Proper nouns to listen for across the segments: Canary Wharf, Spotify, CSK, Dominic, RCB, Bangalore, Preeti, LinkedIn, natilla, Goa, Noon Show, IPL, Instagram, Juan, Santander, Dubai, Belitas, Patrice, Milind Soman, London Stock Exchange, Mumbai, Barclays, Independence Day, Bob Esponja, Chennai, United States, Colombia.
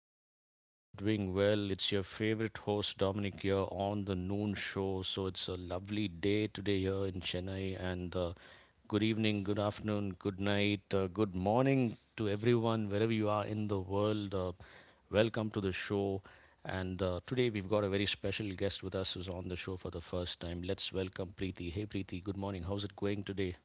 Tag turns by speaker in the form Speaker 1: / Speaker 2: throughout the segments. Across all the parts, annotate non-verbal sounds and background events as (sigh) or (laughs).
Speaker 1: I hope you guys are doing well. It's your favorite host Dominic here on the Noon Show. So it's a lovely day today here in Chennai. And Good evening, good afternoon, good night, good morning to everyone wherever you are in the world. Welcome to the show. And Today we've got a very special guest with us who's on the show for the first time. Let's welcome Preeti. Hey Preeti, good morning. How's it going today?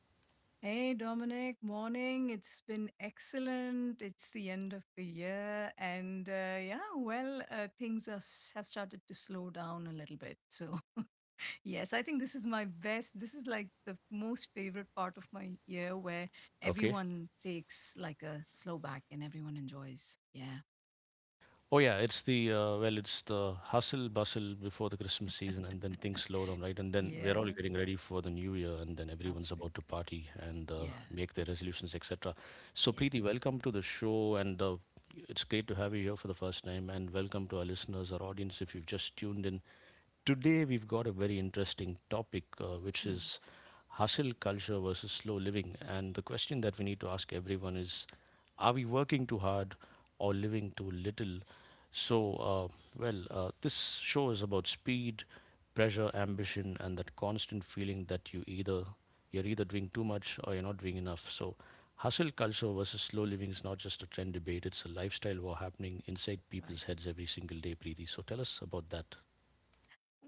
Speaker 2: Hey Dominic, morning. It's been excellent. It's the end of the year, and yeah, things have started to slow down a little bit. So, (laughs) yes, I think this is my best. This is like the most favorite part of my year where
Speaker 1: Okay.
Speaker 2: everyone takes like a slow back and everyone enjoys. Yeah,
Speaker 1: Oh yeah, it's the well, it's the hustle bustle before the Christmas season, and then things slow down, right? And
Speaker 2: (laughs)
Speaker 1: then we're
Speaker 2: yeah,
Speaker 1: all getting ready for the new year, and then everyone's about to
Speaker 2: absolutely.
Speaker 1: party and
Speaker 2: Yeah,
Speaker 1: make their resolutions, etc. So,
Speaker 2: yeah.
Speaker 1: Preeti, welcome to the show, and it's great to have you here for the first time, and welcome to our listeners, our audience, if you've just tuned in. Today, we've got a very interesting topic, which
Speaker 2: Mm,
Speaker 1: is hustle culture versus slow living. And the question that we need to ask everyone is are we working too hard or living too little? So, uh, this show is about speed, pressure, ambition, and that constant feeling that you're either doing too much or you're not doing enough. So, hustle culture versus slow living is not just a trend debate; it's a lifestyle war happening inside people's
Speaker 2: right.
Speaker 1: heads every single day. Preeti, so tell us about that.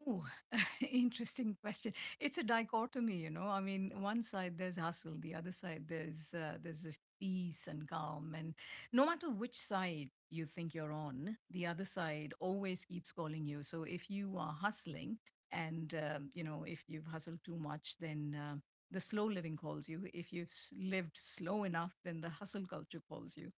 Speaker 2: Ooh, (laughs) interesting question. It's a dichotomy, you know. I mean, one side there's hustle, the other side there's this peace and calm, and no matter which side you think you're on, the other side always keeps calling you. So if you are hustling, and you know, if you've hustled too much, then the slow living calls you. If you've lived slow enough, then the hustle culture calls you.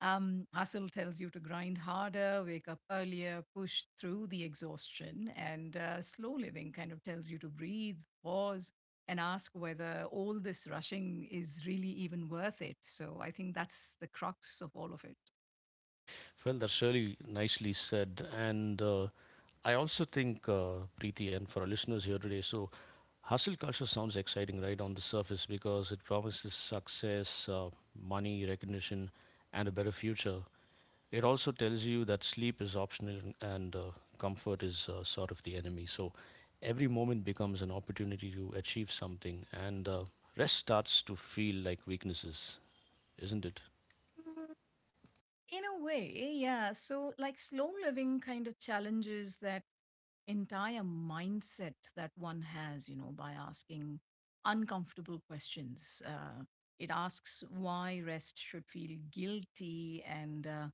Speaker 2: Hustle tells you to grind harder, wake up earlier, push through the exhaustion, and slow living kind of tells you to breathe, pause, and ask whether all this rushing is really even worth it. So I think that's the crux of all of it.
Speaker 1: Well, that's really nicely said. And I also think, Preeti, and for our listeners here today, so hustle culture sounds exciting, right, on the surface because it promises success, money, recognition, and a better future. It also tells you that sleep is optional and comfort is sort of the enemy. So every moment becomes an opportunity to achieve something, and rest starts to feel like weaknesses, isn't it?
Speaker 2: Mm, in a way, yeah. So, like, slow living kind of challenges that entire mindset that one has, you know, by asking uncomfortable questions. It asks why rest should feel guilty and,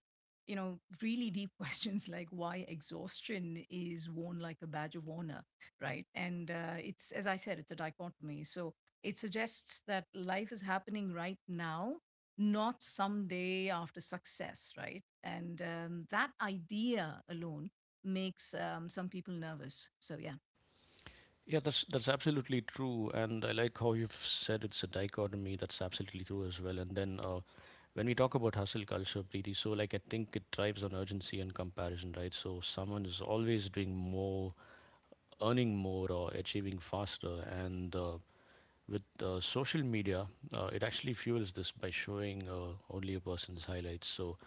Speaker 2: you know, really deep (laughs) questions like why exhaustion is worn like a badge of honor, right? And it's, as I said, it's a dichotomy. So it suggests that life is happening right now, not someday after success, right? And that idea alone makes some people nervous. So yeah.
Speaker 1: Yeah, that's absolutely true, and I like how you've said it's a dichotomy. That's absolutely true as well. And then When we talk about hustle culture, Preeti, so like I think it thrives on urgency and comparison, right? So someone is always doing more, earning more, or achieving faster. And with social media, it actually fuels this by showing only a person's highlights. So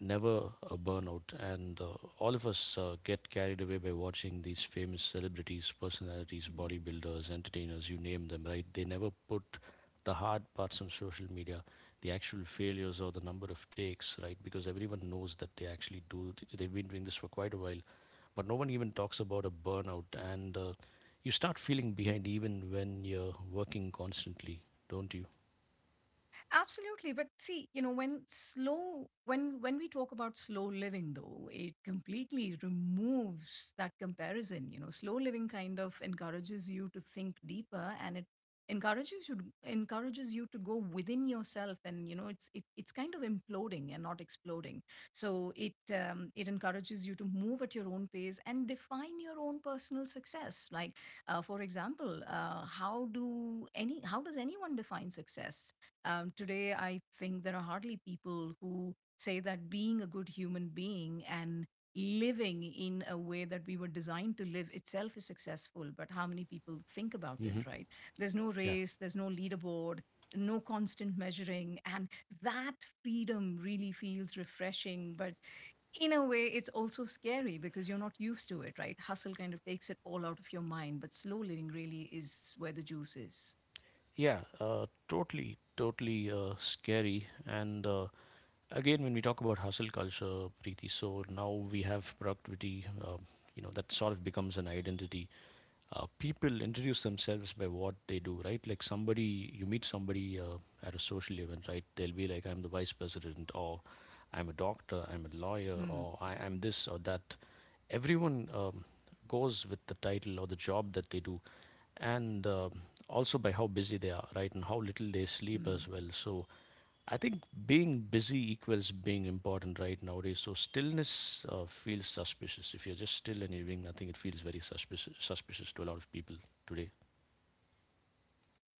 Speaker 1: never a burnout and all of us get carried away by watching these famous celebrities, personalities,
Speaker 2: Hmm.
Speaker 1: bodybuilders, entertainers, you name them, right? They never put the hard parts on social media, the actual failures or the number of takes, right? Because everyone knows that they actually do, they've been doing this for quite a while, but no one even talks about a burnout. And You start feeling behind even when you're working constantly, don't you?
Speaker 2: Absolutely, but see, you know, when we talk about slow living though, it completely removes that comparison, you know. Slow living kind of encourages you to think deeper and it encourages you to go within yourself, and you know it's kind of imploding and not exploding. So it it encourages you to move at your own pace and define your own personal success. Like for example, how does anyone define success today? I think there are hardly people who say that being a good human being and living in a way that we were designed to live itself is successful. But how many people think about it,
Speaker 1: Hmm.
Speaker 2: right? There's no
Speaker 1: Yeah.
Speaker 2: race, there's no leaderboard, no constant measuring. And that freedom really feels refreshing. But in a way, it's also scary because you're not used to it, right? Hustle kind of takes it all out of your mind, but slow living really is where the juice is.
Speaker 1: Yeah, totally, totally, scary. And again, when we talk about hustle culture, Preeti, so now we have productivity, you know, that sort of becomes an identity. People introduce themselves by what they do, right? Like somebody, you meet somebody at a social event, right? They'll be like, I'm the vice president, or I'm a doctor, I'm a lawyer,
Speaker 2: Mm,
Speaker 1: or I am this or that. Everyone goes with the title or the job that they do and also by how busy they are, right, and how little they sleep
Speaker 2: mm.
Speaker 1: as well. So I think being busy equals being important right nowadays. So stillness feels suspicious. If you're just still and you're doing nothing, it feels very suspicious to a lot of people today.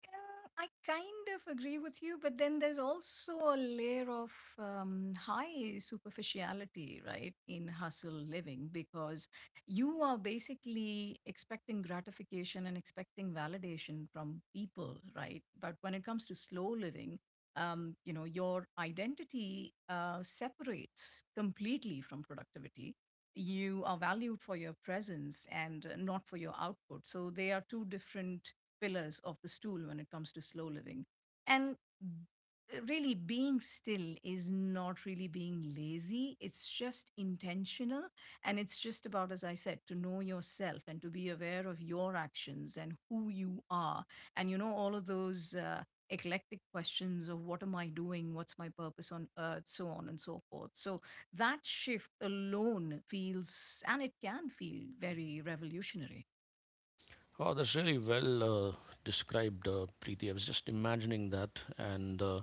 Speaker 2: I kind of agree with you, but then there's also a layer of high superficiality, right, in hustle living because you are basically expecting gratification and expecting validation from people, right? But when it comes to slow living, you know, your identity separates completely from productivity. You are valued for your presence and not for your output. So they are two different pillars of the stool when it comes to slow living. And really, being still is not really being lazy, it's just intentional. And it's just about, as I said, to know yourself and to be aware of your actions and who you are. And you know, all of those. Eclectic questions of what am I doing, what's my purpose on earth, so on and so forth. So that shift alone feels, and it can feel, very revolutionary.
Speaker 1: Oh, that's really well described, Preeti. I was just imagining that, and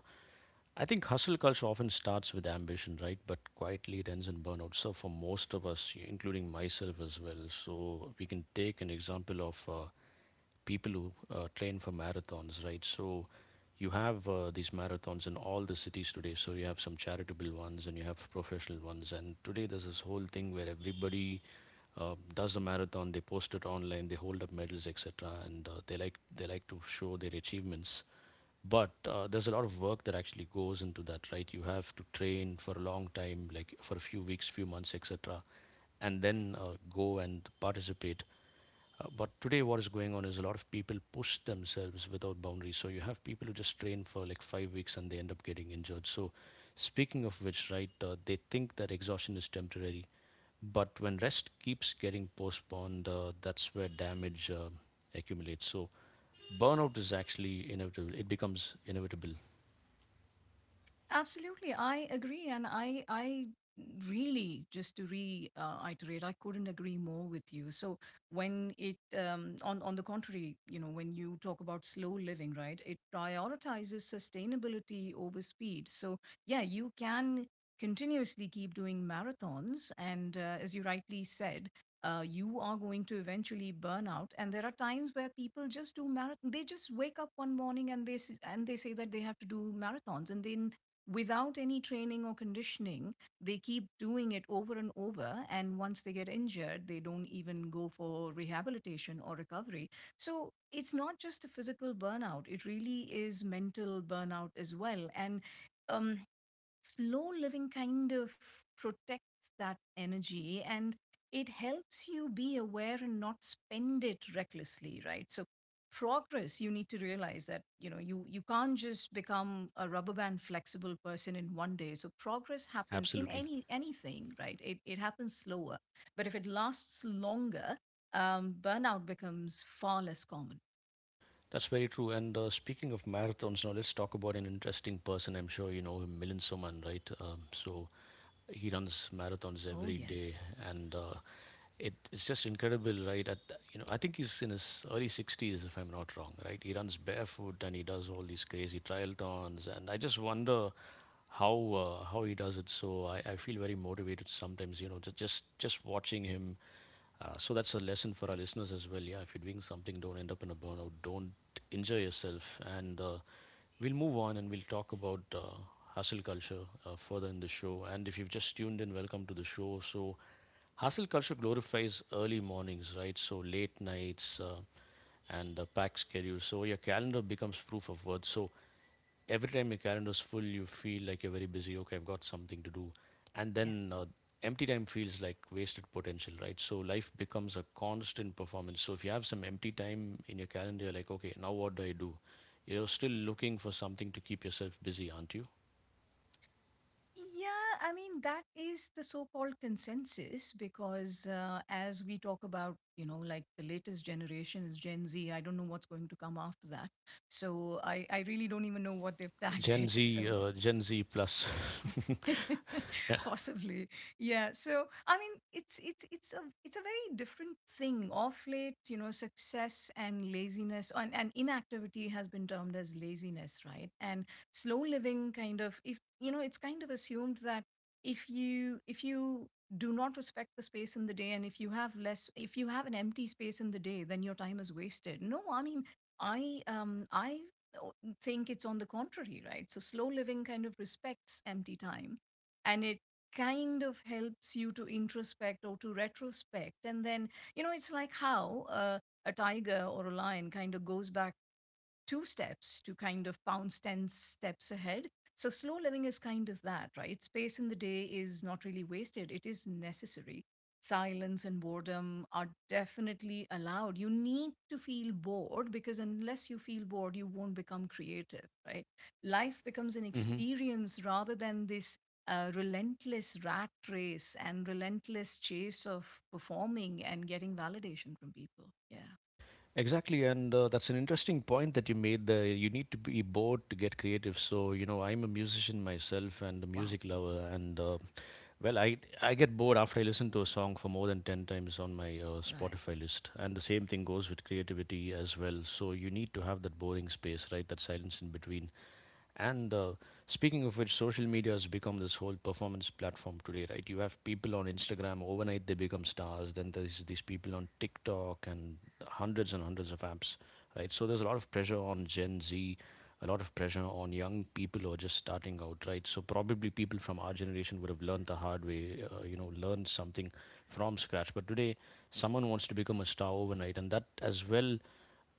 Speaker 1: I think hustle culture often starts with ambition, right? But quietly it ends in burnout. So for most of us, including myself as well, so we can take an example of people who train for marathons, right? So you have these marathons in all the cities today. So you have some charitable ones and you have professional ones. And today there's this whole thing where everybody does a marathon, they post it online, they hold up medals, etc. And they like to show their achievements. But there's a lot of work that actually goes into that, right? You have to train for a long time, like for a few weeks, few months, etc, and then go and participate, but today, what is going on is a lot of people push themselves without boundaries. So you have people who just train for like five weeks and they end up getting injured. So, speaking of which, right, they think that exhaustion is temporary, but when rest keeps getting postponed, that's where damage accumulates. So, burnout is actually inevitable. It becomes inevitable.
Speaker 2: Absolutely, I agree, and I really, just to reiterate, I couldn't agree more with you. So when it on the contrary, you know, when you talk about slow living, right, it prioritizes sustainability over speed. So yeah, you can continuously keep doing marathons, and as you rightly said. You are going to eventually burn out, and there are times where people just do marathon. They just wake up one morning and they say that they have to do marathons, and then without any training or conditioning they keep doing it over and over, and once they get injured they don't even go for rehabilitation or recovery. So it's not just a physical burnout, it really is mental burnout as well. And um slow living kind of protects that energy, and it helps you be aware and not spend it recklessly, right? So progress, you need to realize that, you know, you can't just become a rubber band flexible person in one day. So progress happens in
Speaker 1: Absolutely.
Speaker 2: anything, right? It happens slower, but if it lasts longer, burnout becomes far less common.
Speaker 1: That's very true. And Speaking of marathons, now let's talk about an interesting person. I'm sure you know him, Milind Soman, right? So he runs marathons
Speaker 2: Oh
Speaker 1: every day
Speaker 2: yes.
Speaker 1: and it's just incredible. Right, at you know, I think he's in his early 60s, if I'm not wrong, right? He runs barefoot and he does all these crazy triathlons, and I just wonder how he does it. So I feel very motivated sometimes. You know, just watching him. So that's a lesson for our listeners as well. Yeah, if you're doing something, don't end up in a burnout. Don't injure yourself. And We'll move on and we'll talk about hustle culture further in the show. And if you've just tuned in, welcome to the show. So hustle culture glorifies early mornings, right? So late nights. And Packed schedules. So your calendar becomes proof of worth. So every time your calendar's full, you feel like you're very busy. Okay, I've got something to do, and
Speaker 2: Yes.
Speaker 1: then uh, empty time feels like wasted potential, right? So life becomes a constant performance. So if you have some empty time in your calendar, you're like, okay, now what do I do? You're still looking for something to keep yourself busy, aren't you?
Speaker 2: Yeah, I mean, that is the so called consensus, because as we talk about, you know, like the latest generation is Gen Z, I don't know what's going to come after that. So I really don't even know what they've (laughs) tagged
Speaker 1: Gen
Speaker 2: it.
Speaker 1: Z,
Speaker 2: So
Speaker 1: Gen Z plus.
Speaker 2: (laughs)
Speaker 1: (laughs) Yeah.
Speaker 2: possibly. Yeah. So I mean it's a very different thing. Of late, you know, success and laziness and inactivity has been termed as laziness, right? And slow living kind of, if you know, it's kind of assumed that if you do not respect the space in the day, and if you have less if you have an empty space in the day, then your time is wasted. No, I mean I o- think it's on the contrary, right? So slow living kind of respects empty time and it kind of helps you to introspect or to retrospect. And then you know it's like how a tiger or a lion kind of goes back two steps to kind of pounce 10 steps ahead. So, slow living is kind of that, right? Space in the day is not really wasted, it is necessary. Silence and boredom are definitely allowed. You need to feel bored, because unless you feel bored, you won't become creative, right? Life becomes an
Speaker 1: Hmm.
Speaker 2: experience rather than this relentless rat race and relentless chase of performing and getting validation from people. Yeah.
Speaker 1: Exactly, and that's an interesting point that you made there. You need to be bored to get creative. So, you know, I'm a musician myself and a
Speaker 2: Wow.
Speaker 1: music lover, and well, I get bored after I listen to a song for more than 10 times on my
Speaker 2: Right.
Speaker 1: Spotify list. And the same thing goes with creativity as well. So you need to have that boring space, right? That silence in between. And Speaking of which, social media has become this whole performance platform today, right? You have people on Instagram, overnight they become stars. Then there's these people on TikTok and hundreds of apps, right? So there's a lot of pressure on Gen Z, a lot of pressure on young people who are just starting out, right? So probably people from our generation would have learned the hard way, you know, learned something from scratch. But today, someone wants to become a star overnight, and that as well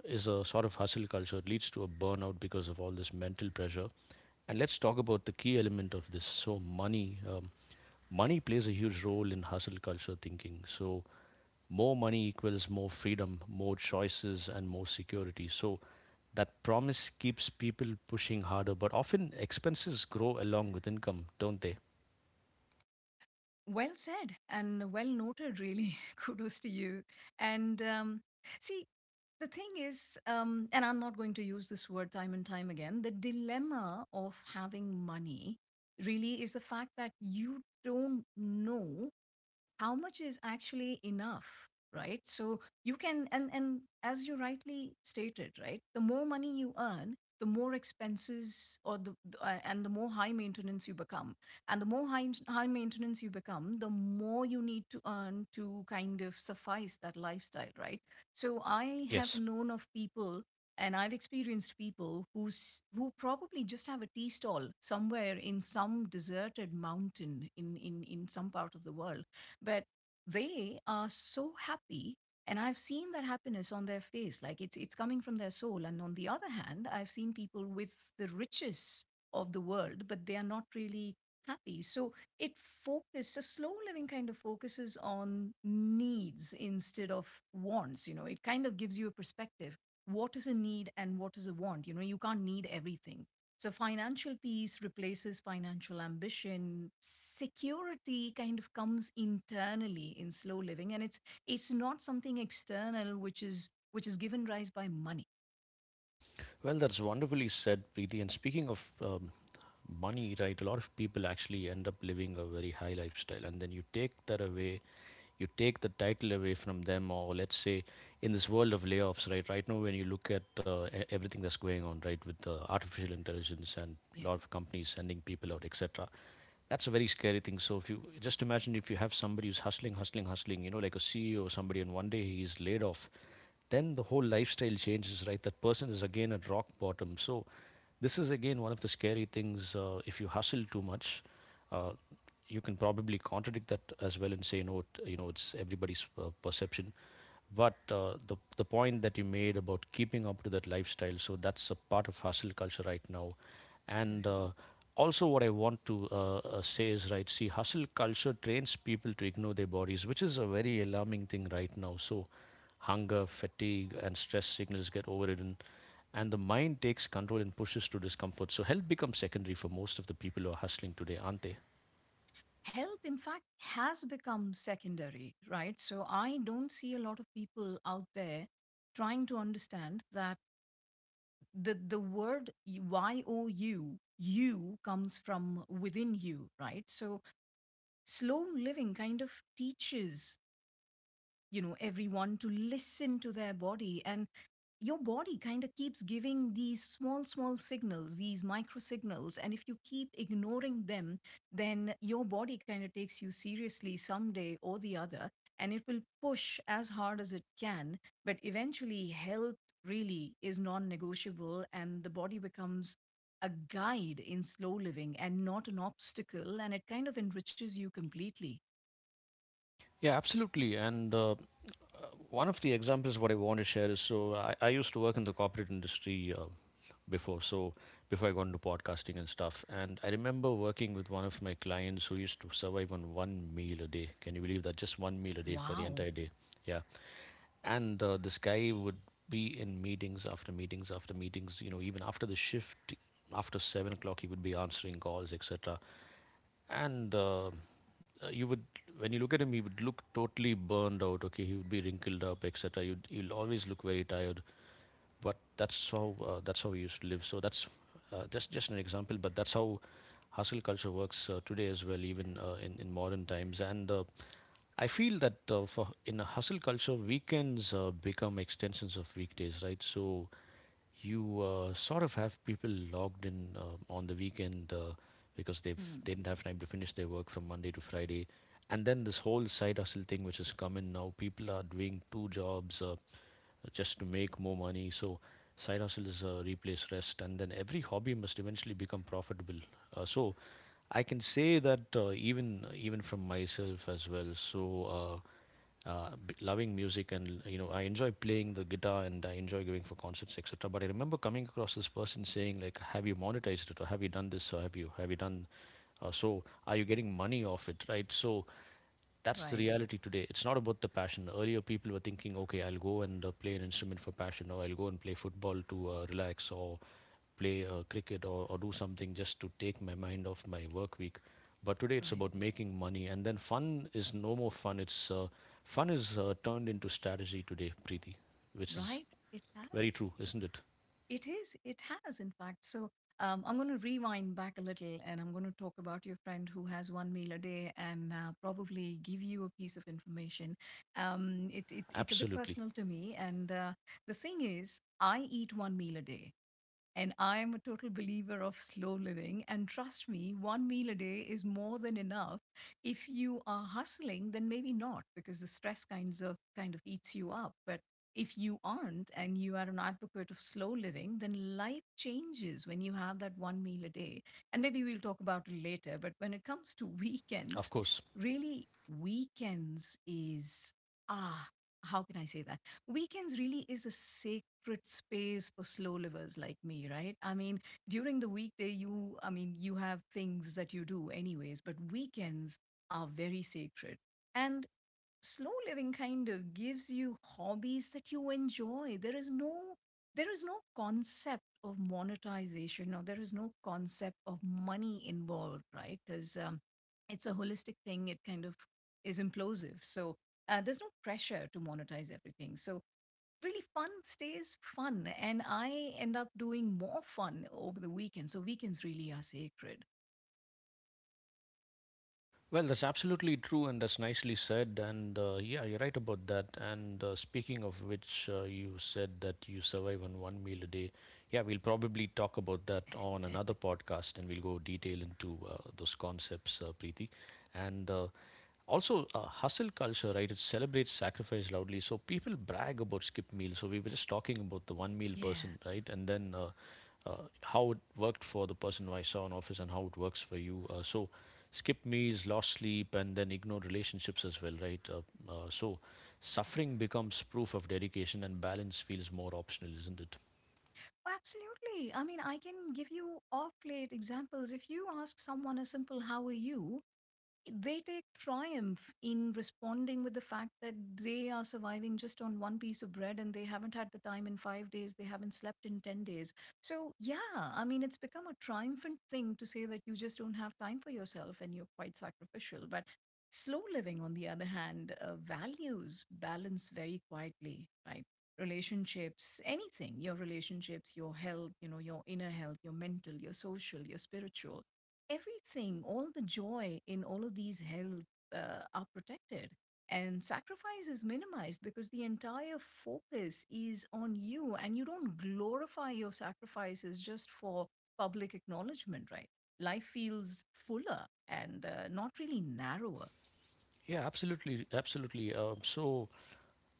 Speaker 1: is a sort of hustle culture. It leads to a burnout because of all this mental pressure. And let's talk about the key element of this. So, money. Money plays a huge role in hustle culture thinking. So, more money equals more freedom, more choices, and more security. So, that promise keeps people pushing harder, but often expenses grow along with income, don't they?
Speaker 2: Well said and well noted, really. (laughs) Kudos to you. And see, the thing is, and I'm not going to use this word time and time again, the dilemma of having money really is the fact that you don't know how much is actually enough, right? So you can, and as you rightly stated, right, the more money you earn, the more expenses, or the and the more high maintenance you become, and the more high maintenance you become, the more you need to earn to kind of suffice that lifestyle, right? So I have
Speaker 1: Yes.
Speaker 2: known of people, and I've experienced people who probably just have a tea stall somewhere in some deserted mountain in some part of the world, but they are so happy. And I've seen that happiness on their face, like it's coming from their soul. And on the other hand, I've seen people with the riches of the world, but they are not really happy. So it focuses, a slow living kind of focuses on needs instead of wants, you know. It kind of gives you a perspective: what is a need and what is a want. You know, you can't need everything. So financial peace replaces financial ambition. Security kind of comes internally in slow living, and it's not something external which is given rise by money.
Speaker 1: Well, that's wonderfully said, Preeti. And speaking of money, right? A lot of people actually end up living a very high lifestyle, and then you take that away, you take the title away from them, or let's say in this world of layoffs, right? Right now, when you look at everything that's going on, right, with artificial intelligence and a
Speaker 2: Yeah.
Speaker 1: lot of companies sending people out, etc., that's a very scary thing. So if you just imagine if you have somebody who's hustling, hustling, hustling, you know, like a CEO or somebody, and one day he's laid off, then the whole lifestyle changes, right? That person is again at rock bottom. So this is again one of the scary things. If you hustle too much, uh, you can probably contradict that as well and say no, you know, it's everybody's perception. But the point that you made about keeping up to that lifestyle, so that's a part of hustle culture right now, and
Speaker 2: Correct.
Speaker 1: uh, also what I want to say is right. See, hustle culture trains people to ignore their bodies, which is a very alarming thing right now. So, hunger, fatigue, and stress signals get overridden, and the mind takes control and pushes to discomfort. So, health becomes secondary for most of the people who are hustling today, are not they?
Speaker 2: Health, in fact, has become secondary, right? So I don't see a lot of people out there trying to understand that the word Y O U, you, comes from within you, right? So slow living kind of teaches, you know, everyone to listen to their body. And your body kind of keeps giving these small signals, these micro signals, and if you keep ignoring them, then your body kind of takes you seriously someday or the other, and it will push as hard as it can. But eventually health really is non-negotiable, and the body becomes a guide in slow living and not an obstacle, and it kind of enriches you completely.
Speaker 1: Yeah, absolutely. And one of the examples what I want to share is so I used to work in the corporate industry. Before so before I got into podcasting and stuff. And I remember working with one of my clients who used to survive on one meal a day. Can you believe that? Just one meal a day for the
Speaker 2: Wow.
Speaker 1: entire day. Yeah. And this guy would be in meetings after meetings after meetings, you know, even after the shift. After 7 o'clock he would be answering calls etc. And you would, when you look at him, he would look totally burned out. Okay, he would be wrinkled up etc. He will always look very tired, but that's how, that's how we used to live. So that's just an example, but that's how hustle culture works today as well, even in modern times. And I feel that for in a hustle culture, weekends become extensions of weekdays, right? So you sort of have people logged in on the weekend, because
Speaker 2: Hmm.
Speaker 1: they didn't have time to finish their work from Monday to Friday. And then this whole side hustle thing, which has come in now, people are doing two jobs. Just to make more money. So side hustle is replace rest, and then every hobby must eventually become profitable. So I can say that even from myself as well. So uh, loving music, and you know I enjoy playing the guitar and I enjoy going for concerts etc. But I remember coming across this person saying like, "Have you monetized it? Or have you done this? Or have you done?" So are you getting money off it, right? So that's the
Speaker 2: Right,
Speaker 1: reality today. It's not about the passion. Earlier, people were thinking, okay, I'll go and play an instrument for passion, or I'll go and play football to relax, or play cricket, or do something just to take my mind off my work week. But today, it's
Speaker 2: right.
Speaker 1: about making money, and then fun is no more fun. It's Fun is turned into strategy today, Preeti, which is
Speaker 2: Right? It
Speaker 1: very
Speaker 2: has.
Speaker 1: true,
Speaker 2: It,
Speaker 1: isn't it?
Speaker 2: it is. It has, in fact. So I'm going to rewind back a little and I'm going to talk about your friend who has one meal a day, and probably give you a piece of information. It's a bit
Speaker 1: Absolutely,
Speaker 2: personal to me. And the thing is, I eat one meal a day. And I am a total believer of slow living. And trust me, one meal a day is more than enough. If you are hustling, then maybe not, because the stress kind of eats you up. But if you aren't and you are an advocate of slow living, then life changes when you have that one meal a day. And maybe we'll talk about it later. But when it comes to (laughs) weekends,
Speaker 1: of course.
Speaker 2: really, weekends is ah, how can I say that? Weekends really is a sacred space for slow livers like me, right? I mean, during the weekday, I mean, you have things that you do anyways, but weekends are very sacred. And slow living kind of gives you hobbies that you enjoy. There is no concept of monetization, or there is no concept of money involved, right? Because it's a holistic thing. It kind of is implosive. So there's no pressure to monetize everything, so really fun stays fun, and I end up doing more fun over the weekend. So weekends really are sacred.
Speaker 1: Well, that's absolutely true, and that's nicely said. And yeah, you're right about that. And speaking of which, you said that you survive on one meal a day. Yeah, we'll probably talk about that on another podcast, and we'll go detail into those concepts, Preeti. And also, hustle culture, right, it celebrates sacrifice loudly, so people brag about skip meals. So we were just talking about the one meal
Speaker 2: Yeah.
Speaker 1: person, right? And then how it worked for the person who I saw in office, and how it works for you, so skip meals, lost sleep, and then ignored relationships as well, right? So suffering becomes proof of dedication and balance feels more optional, isn't it?
Speaker 2: Oh, absolutely. I mean, I can give you off late examples. If you ask someone a simple how are you, they take triumph in responding with the fact that they are surviving just on one piece of bread and they haven't had the time in 5 days, they haven't slept in 10 days. So, yeah, I mean, it's become a triumphant thing to say that you just don't have time for yourself and you're quite sacrificial. But slow living, on the other hand, values balance very quietly, right? Relationships, anything, your relationships, your health, your inner health, your mental, your social, your spiritual, everything, all the joy in all of these health are protected. And sacrifice is minimized because the entire focus is on you, and you don't glorify your sacrifices just for public acknowledgement, right? Life feels fuller and not really narrower.
Speaker 1: Yeah, absolutely, absolutely.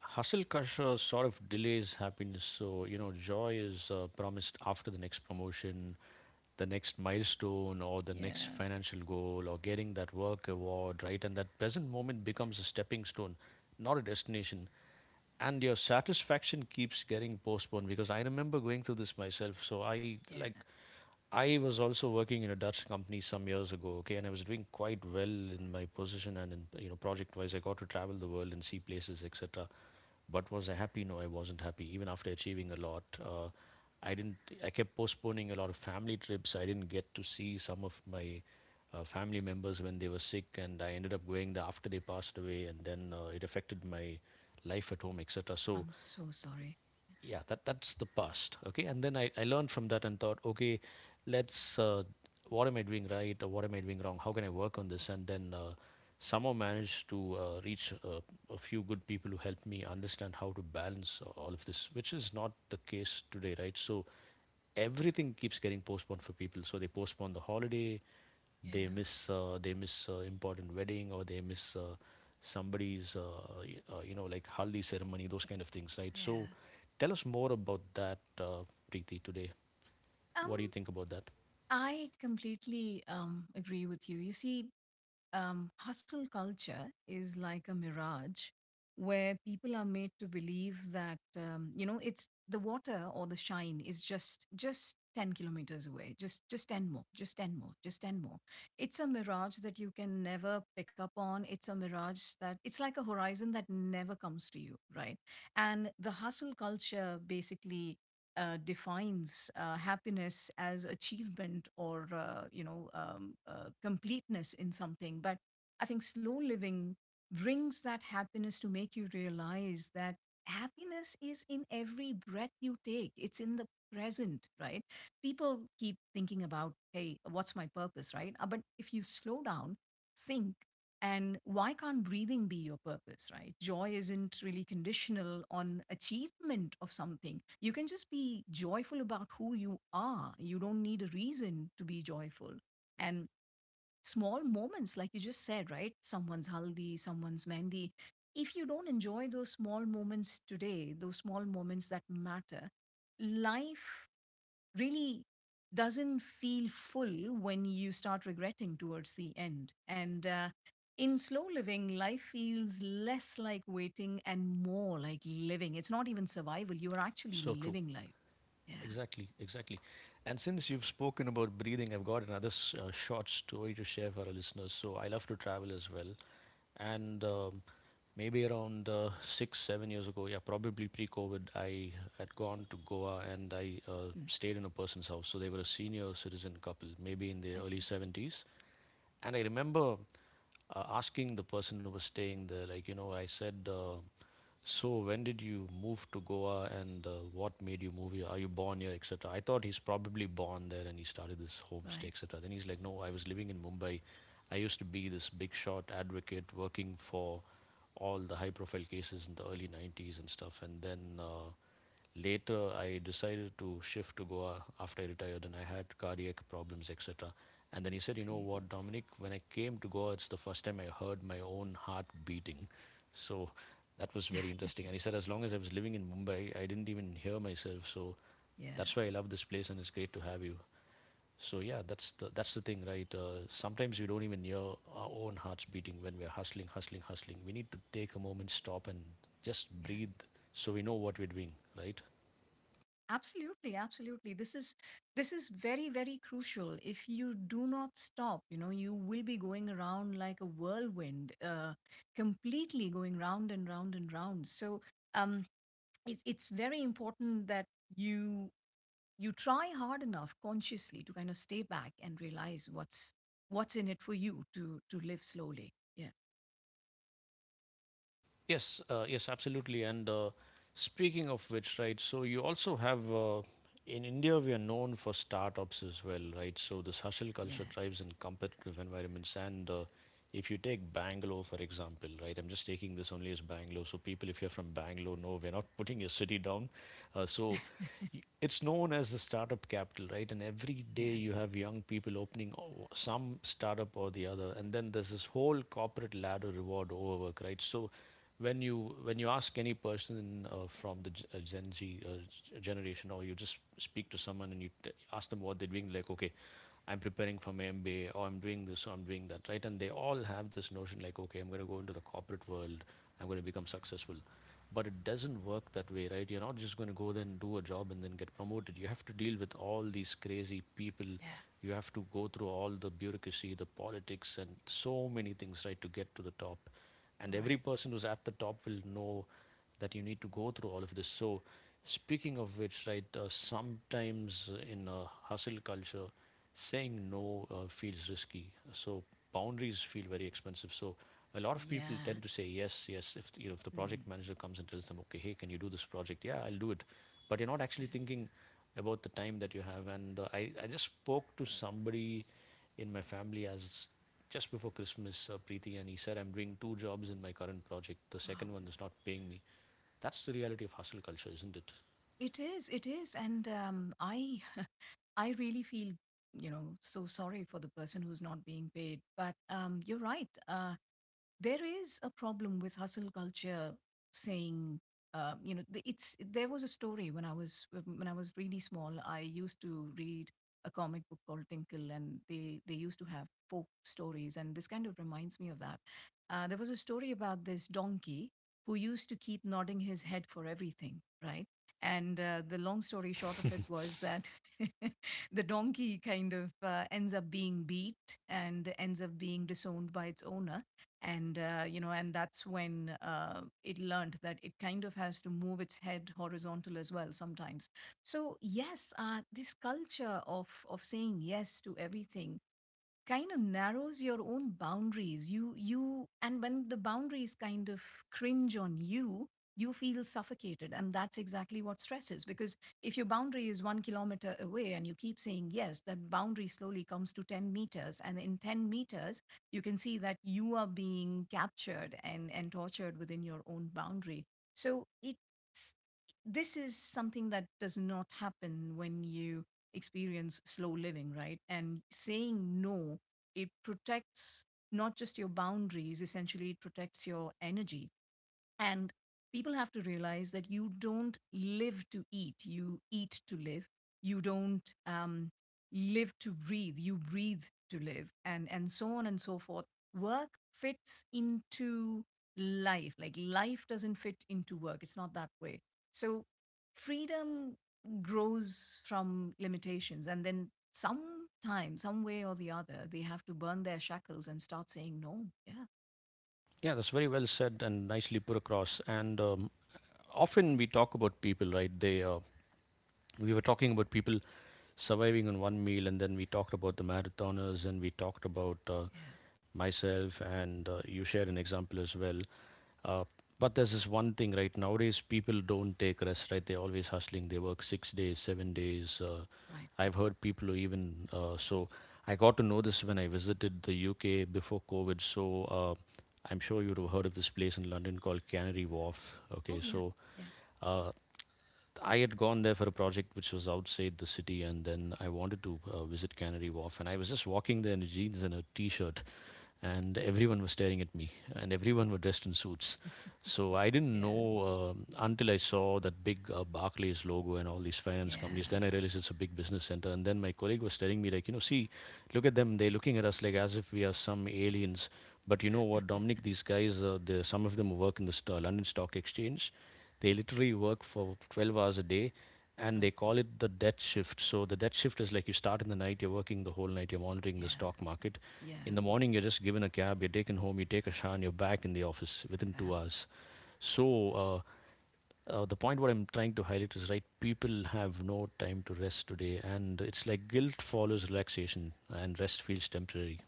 Speaker 1: Hustle culture sort of delays happiness. So, you know, joy is promised after the next promotion, the next milestone, or the next
Speaker 2: Yeah,
Speaker 1: financial goal, or getting that work award, right? And that present moment becomes a stepping stone, not a destination. And your satisfaction keeps getting postponed, because I remember going through this myself. So, I
Speaker 2: yeah.
Speaker 1: like I was also working in a Dutch company some years ago, okay, and I was doing quite well in my position and in, you know, project wise. I got to travel the world and see places, etc. But was I happy? No, I wasn't happy. Even after achieving a lot, I didn't. I kept postponing a lot of family trips. I didn't get to see some of my family members when they were sick, and I ended up going there after they passed away, and then it affected my life at home, etc. So
Speaker 2: I'm so sorry.
Speaker 1: yeah, that's the past, okay. And then I learned from that and thought, okay, let's what am I doing right, or what am I doing wrong, how can I work on this? And then somehow managed to reach a few good people who helped me understand how to balance all of this, which is not the case today, right? So everything keeps getting postponed for people, so they postpone the holiday, they
Speaker 2: Yeah,
Speaker 1: miss important wedding, or they miss somebody's you know, like haldi ceremony, those kind of things, right? So
Speaker 2: yeah.
Speaker 1: tell us more about that, Preeti, today. What do
Speaker 2: Um,
Speaker 1: you think about that?
Speaker 2: I completely agree with you. You see, hustle culture is like a mirage, where people are made to believe that it's the water, or the shine is just 10 kilometers away. Just 10 more, just 10 more, just 10 more. It's a mirage that you can never pick up on. It's a mirage that it's like a horizon that never comes to you, right? And the hustle culture basically defines happiness as achievement, or completeness in something. But I think slow living brings that happiness to make you realize that happiness is in every breath you take. It's in the present, right? People keep thinking about, hey, what's my purpose, right? But if you slow down, think, and why can't breathing be your purpose, right? Joy isn't really conditional on achievement of something. You can just be joyful about who you are. You don't need a reason to be joyful. And small moments, like you just said, right? Someone's haldi, someone's mehndi. If you don't enjoy those small moments today, those small moments that matter, life really doesn't feel full when you start regretting towards the end. And in slow living, life feels less like waiting and more like living. It's not even survival, you are actually
Speaker 1: So true.
Speaker 2: living life. Yeah.
Speaker 1: Exactly, exactly. And since you've spoken about breathing, I've got another short story to share for our listeners. So I love to travel as well. And maybe around six, 7 years ago, yeah, probably pre-COVID, I had gone to Goa and I
Speaker 2: Mm,
Speaker 1: stayed in a person's house. So they were a senior citizen couple, maybe in their
Speaker 2: I see.
Speaker 1: early 70s. And I remember asking the person who was staying there, like, you know, I said, so when did you move to Goa, and what made you move here? Are you born here, etc.? I thought he's probably born there and he started this homestay,
Speaker 2: Right.
Speaker 1: etc. Then he's like, no, I was living in Mumbai. I used to be this big shot advocate working for all the high profile cases in the early 90s and stuff. And then later, I decided to shift to Goa after I retired, and I had cardiac problems, etc. And then he said, "You know
Speaker 2: See.
Speaker 1: what, Dominic, when I came to Goa, it's the first time I heard my own heart beating." So that was very
Speaker 2: (laughs)
Speaker 1: interesting. And he said, "As long as I was living in Mumbai, I didn't even hear myself. So
Speaker 2: Yeah.
Speaker 1: that's why I love this place, and it's great to have you." So yeah, that's the, that's the thing, right? Sometimes we don't even hear our own hearts beating when we're hustling, hustling, hustling. We need to take a moment, stop, and just
Speaker 2: Yeah.
Speaker 1: breathe, so we know what we're doing, right?
Speaker 2: Absolutely, absolutely. This is very, very crucial. If you do not stop, you will be going around like a whirlwind, completely going round and round and round. So um, it's very important that you you try hard enough consciously to kind of stay back and realize what's in it for you to live slowly. Yeah,
Speaker 1: Yes, yes, absolutely. And speaking of which, right, so you also have, in India, we are known for startups as well, right? So this hustle culture
Speaker 2: yeah,
Speaker 1: thrives in competitive environments. And if you take Bangalore, for example, right, I'm just taking this only as Bangalore. So people, if you're from Bangalore, no, we're not putting your city down. So it's known as the startup capital, right? And every day
Speaker 2: yeah,
Speaker 1: you have young people opening some startup or the other, and then there's this whole corporate ladder reward overwork, right? So when you when you ask any person from the Gen Z generation, or you just speak to someone and you ask them what they're doing, like, okay, I'm preparing for my MBA, or I'm doing this, or I'm doing that, right? And they all have this notion, like, okay, I'm going to go into the corporate world, I'm going to become successful. But it doesn't work that way, right? You're not just going to go there and do a job and then get promoted. You have to deal with all these crazy people,
Speaker 2: yeah.
Speaker 1: you have to go through all the bureaucracy, the politics, and so many things, right, to get to the top. And every
Speaker 2: Right.
Speaker 1: person who's at the top will know that you need to go through all of this. So speaking of which, right, sometimes in a hustle culture, saying no feels risky. So boundaries feel very expensive. So a lot of people
Speaker 2: Yeah.
Speaker 1: tend to say yes, yes. If you know, if the project
Speaker 2: Mm,
Speaker 1: manager comes and tells them, okay, hey, can you do this project? Yeah, I'll do it. But you're not actually
Speaker 2: yeah.
Speaker 1: thinking about the time that you have. And I just spoke to somebody in my family as, just before Christmas, Preeti, and he said, I'm doing two jobs in my current project. The
Speaker 2: Wow.
Speaker 1: second one is not paying me. That's the reality of hustle culture, isn't it? (laughs)
Speaker 2: It is, it is. And I (laughs) I really feel, so sorry for the person who's not being paid. But you're right. There is a problem with hustle culture saying you know the- it's there was a story. When I was really small, I used to read a comic book called Tinkle, and they used to have folk stories, and this kind of reminds me of that. There was a story about this donkey who used to keep nodding his head for everything, right? And the long story short of it was that, (laughs) the donkey kind of ends up being beat and ends up being disowned by its owner. And and that's when it learned that it kind of has to move its head horizontal as well sometimes. So yes, this culture of saying yes to everything kind of narrows your own boundaries. You And when the boundaries kind of cringe on you, you feel suffocated, and that's exactly what stress is. Because if your boundary is 1 kilometer away and you keep saying yes, that boundary slowly comes to 10 meters. And in 10 meters, you can see that you are being captured and tortured within your own boundary. So it's this is something that does not happen when you experience slow living, right? And saying no, it protects not just your boundaries. Essentially, it protects your energy. And people have to realize that you don't live to eat, you eat to live. You don't live to breathe, you breathe to live. And so on and so forth. Work fits into life, like life doesn't fit into work. It's not that way. So, freedom grows from limitations, and then, sometime, some way or the other, they have to burn their shackles and start saying, no. Yeah,
Speaker 1: Yeah, that's very well said and nicely put across. And often we talk about people, right? They We were talking about people surviving on one meal, and then we talked about the marathoners, and we talked about
Speaker 2: yeah,
Speaker 1: myself, and you shared an example as well. Uh, but there's this one thing, right? Nowadays, people don't take rest, right? They're always hustling. They work 6 days, 7 days.
Speaker 2: right.
Speaker 1: I've heard people who even I got to know this when I visited the UK before COVID. So I'm sure you'd have heard of this place in London called Canary Wharf. Okay,
Speaker 2: Oh, yeah,
Speaker 1: so
Speaker 2: yeah,
Speaker 1: uh, I had gone there for a project which was outside the city, and then I wanted to visit Canary Wharf. And I was just walking there in jeans and a t-shirt, and everyone was staring at me, and everyone were dressed in suits. So I didn't
Speaker 2: yeah.
Speaker 1: know until I saw that big Barclays logo and all these finance companies. Then
Speaker 2: Yeah.
Speaker 1: I realized it's a big business center. And then my colleague was telling me, like, you know, see, look at them. They're looking at us like as if we are some aliens. But you know what, Dominic? These guys, some of them work in the London Stock Exchange, they literally work for 12 hours a day, and they
Speaker 2: Right.
Speaker 1: call it the debt shift. So the debt shift is like you start in the night, you're working the whole night, you're monitoring the
Speaker 2: Yeah.
Speaker 1: stock market.
Speaker 2: Yeah.
Speaker 1: In the morning, you're just given a cab, you're taken home, you take a shower, and you're back in the office within
Speaker 2: Yeah.
Speaker 1: 2 hours. So the point what I'm trying to highlight is, right, people have no time to rest today, and it's like guilt
Speaker 2: Absolutely.
Speaker 1: follows relaxation, and rest feels temporary.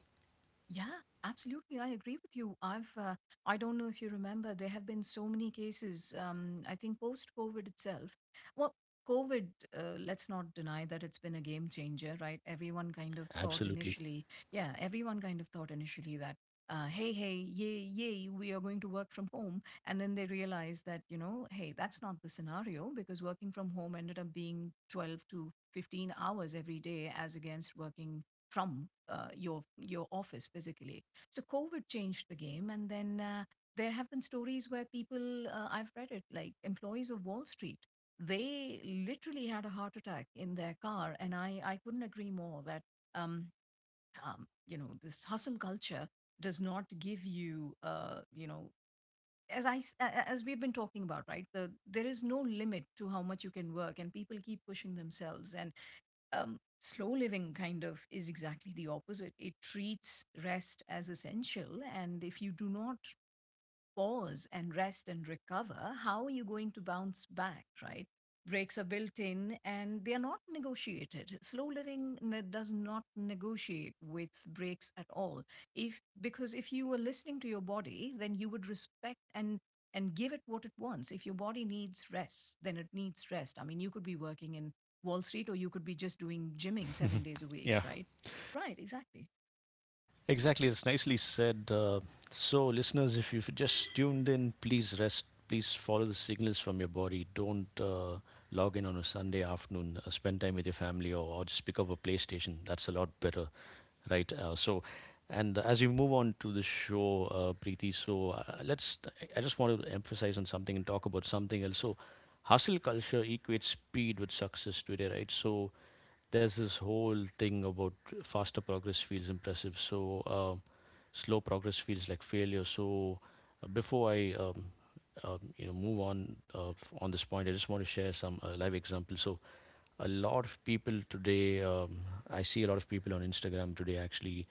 Speaker 2: Yeah, absolutely. I agree with you. I don't know if you remember. There have been so many cases. I think post COVID itself, well, COVID, let's not deny that it's been a game changer, right? Everyone kind of thought
Speaker 1: Absolutely.
Speaker 2: initially, yeah, everyone kind of thought initially that, hey, hey, yay, yay, we are going to work from home. And then they realized that, hey, that's not the scenario, because working from home ended up being 12 to 15 hours every day as against working from your office physically. So COVID changed the game. And then there have been stories where people I've read it, like, employees of Wall Street, they literally had a heart attack in their car. And I couldn't agree more that um, this hustle culture does not give you you know as as we've been talking about, right? There is no limit to how much you can work, and people keep pushing themselves. And slow living kind of is exactly the opposite. It treats rest as essential. And if you do not pause and rest and recover, how are you going to bounce back, right? Breaks are built in and they are not negotiated. Slow living does not negotiate with breaks at all. If Because if you were listening to your body, then you would respect and give it what it wants. If your body needs rest, then it needs rest. I mean, you could be working in Wall Street, or you could be just doing gymming 7
Speaker 1: (laughs)
Speaker 2: days a week,
Speaker 1: Yeah.
Speaker 2: right? Right, exactly.
Speaker 1: Exactly, that's nicely said. So, listeners, if you've just tuned in, please rest. Please follow the signals from your body. Don't log in on a Sunday afternoon. Spend time with your family or just pick up a PlayStation. That's a lot better, right? So, and as we move on to the show, Preeti, so let's. I just want to emphasize on something and talk about something else. So, hustle culture equates speed with success today, right? So, there's this whole thing about faster progress feels impressive. So slow progress feels like failure. So, before I you know, move on on this point, I just want to share some live examples. So a lot of people today, I see a lot of people on Instagram today actually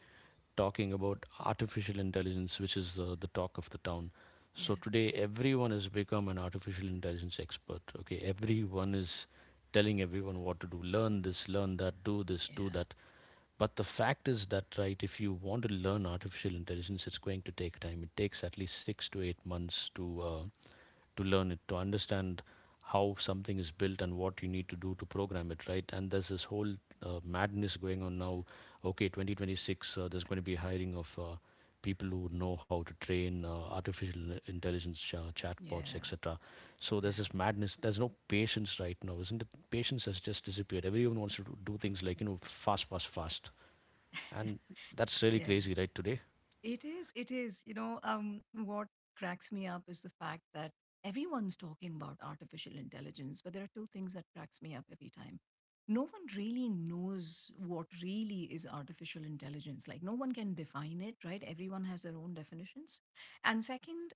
Speaker 1: talking about artificial intelligence, which is the talk of the town.
Speaker 2: Yeah.
Speaker 1: So today, everyone has become an artificial intelligence expert. Okay, everyone is telling everyone what to do, learn this, learn that, do this, do
Speaker 2: Yeah.
Speaker 1: that. But the fact is that, right, if you want to learn artificial intelligence, it's going to take time. It takes at least 6 to 8 months to learn it, to understand how something is built and what you need to do to program it, right? And there's this whole madness going on now. Okay, 2026, there's going to be hiring of people who know how to train artificial intelligence chatbots,
Speaker 2: Yeah.
Speaker 1: etc. So
Speaker 2: Yeah.
Speaker 1: there's this madness. There's no patience right now, isn't it? Patience has just disappeared. Everyone wants to do things like, you know, fast, fast, fast, and that's really
Speaker 2: Yeah.
Speaker 1: crazy, right? Today.
Speaker 2: It is. It is. What cracks me up is the fact that everyone's talking about artificial intelligence, but there are two things that cracks me up every time. No one really knows what really is artificial intelligence. Like, no one can define it, right? Everyone has their own definitions. And second,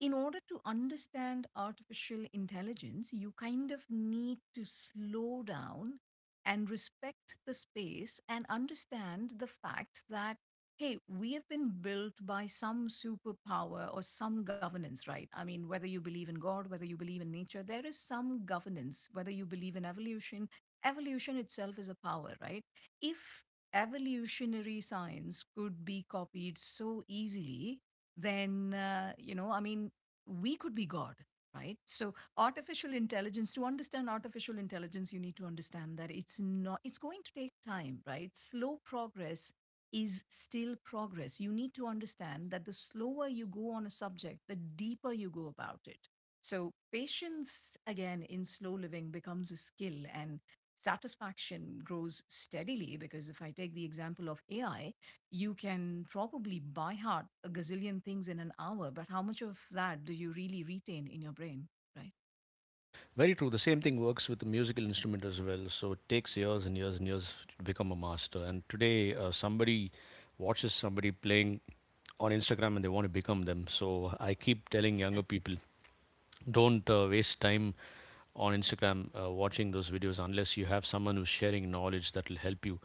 Speaker 2: in order to understand artificial intelligence, you kind of need to slow down and respect the space and understand the fact that, hey, we have been built by some superpower or some governance, right? I mean, whether you believe in God, whether you believe in nature, there is some governance. Whether you believe in evolution, evolution itself is a power, right? If evolutionary science could be copied so easily, then I mean we could be God, right? So artificial intelligence. To understand artificial intelligence, you need to understand that it's not it's going to take time, right? Slow progress is still progress. You need to understand that the slower you go on a subject, the deeper you go about it. So patience again in slow living becomes a skill, and satisfaction grows steadily. Because if I take the example of AI, you can probably by heart a gazillion things in an hour, but how much of that do you really retain in your brain? Right?
Speaker 1: Very true. The same thing works with the musical instrument as well. So it takes years and years and years to become a master. And today, somebody watches somebody playing on Instagram and they want to become them. So I keep telling younger
Speaker 2: (laughs)
Speaker 1: people, don't waste time on Instagram watching those videos unless you have someone who's sharing knowledge that will help you.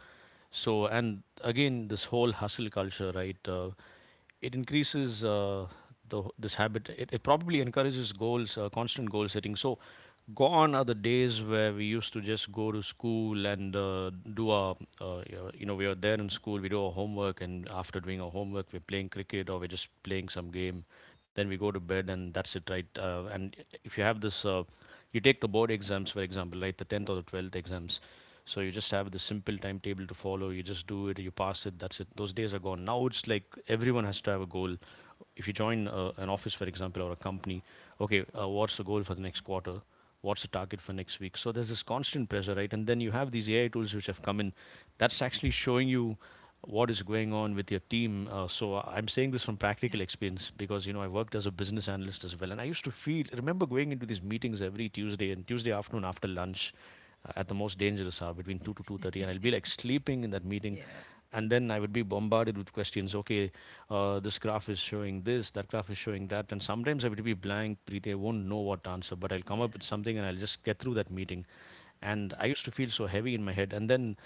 Speaker 1: So, and again, this whole hustle culture, right? It increases the this habit. It probably encourages goals, constant goal setting. So, gone are the days where we used to just go to school and do our, you know, we are there in school, we do our homework, and after doing our homework, we're playing cricket or we're just playing some game. Then we go to bed, and that's it, right? And if you have this you take the board exams, for example, right, the 10th or the 12th exams, so you just have the simple timetable to follow, you just do it, you pass it, that's it. Those days are gone. Now it's like everyone has to have a goal. If you join an office, for example, or a company, okay, what's the goal for the next
Speaker 2: Right.
Speaker 1: quarter, what's the target for next week? So there's this constant pressure, right? And then you have these AI tools which have come in, that's actually showing you what is going on with your team. So I'm saying this from practical experience because, you know, I worked as a business analyst as well, and I used to feel, remember going into these meetings every Tuesday, and Tuesday afternoon after lunch, at the most dangerous hour between 2 to 2:30,
Speaker 2: Yeah.
Speaker 1: and I'll
Speaker 2: (laughs)
Speaker 1: be like sleeping in that meeting.
Speaker 2: Yeah.
Speaker 1: And then I would be bombarded with questions. Okay, this graph is showing this, that graph is showing that, and sometimes I would be blank. Preeti, I won't know what to answer, but I'll come
Speaker 2: Yeah.
Speaker 1: up with something and I'll just get through that meeting. And I
Speaker 2: Yeah.
Speaker 1: used to feel so heavy in my head. And then,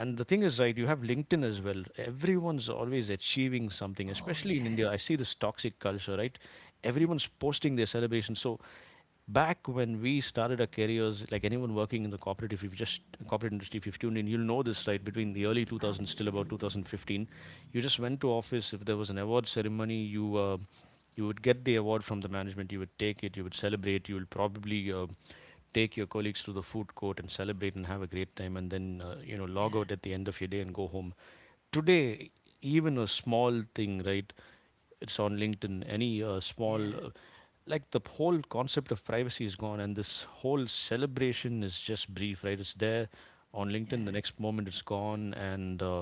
Speaker 1: and the thing is, right, you have LinkedIn as well. Everyone's always achieving something,
Speaker 2: Oh,
Speaker 1: especially in India. I
Speaker 2: yes.
Speaker 1: see this toxic culture, right? Everyone's posting their celebrations. So back when we started our careers, like anyone working in the corporate, if you've just if you've tuned in, you'll know this, right? Between the early 2000s till about
Speaker 2: Absolutely.
Speaker 1: 2015, you just went to office. If there was an award ceremony, you you would get the award from the management. You would take it. You would celebrate. You would probably take your colleagues to the food court and celebrate and have a great time, and then you know, log
Speaker 2: Yeah.
Speaker 1: out at the end of your day and go home. Today, even a small thing, right? It's on LinkedIn. Any small
Speaker 2: Yeah.
Speaker 1: like the whole concept of privacy is gone, and this whole celebration is just brief, right? It's there on LinkedIn, the
Speaker 2: Yeah.
Speaker 1: next moment it's gone, and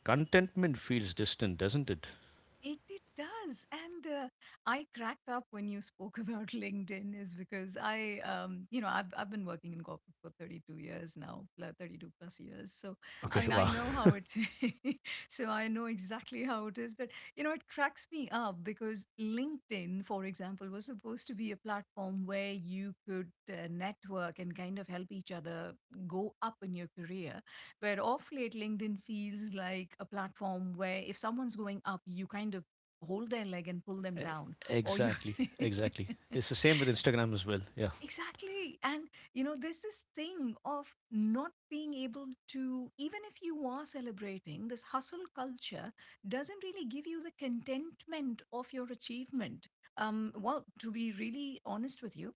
Speaker 1: contentment feels distant, doesn't it?
Speaker 2: It does. And I cracked up when you spoke about (laughs) LinkedIn, is because I, you know, I've been working in corporate for 32 years now, 32 plus years. So I
Speaker 1: Okay,
Speaker 2: mean, I
Speaker 1: wow.
Speaker 2: know how
Speaker 1: (laughs)
Speaker 2: it, (laughs) so I know exactly how it is. But you know, it cracks me up because LinkedIn, for example, was supposed to be a platform where you could network and kind of help each other go up in your career. But off late, LinkedIn feels like a platform where if someone's going up, you kind of hold their leg and pull them
Speaker 1: E-
Speaker 2: down. Or you.
Speaker 1: exactly,
Speaker 2: (laughs)
Speaker 1: exactly, it's the same with Instagram as well, yeah.
Speaker 2: Exactly. And, you know, there's this thing of not being able to, even if you are celebrating, this hustle culture doesn't really give you the contentment of your achievement. Well, to be really honest with you,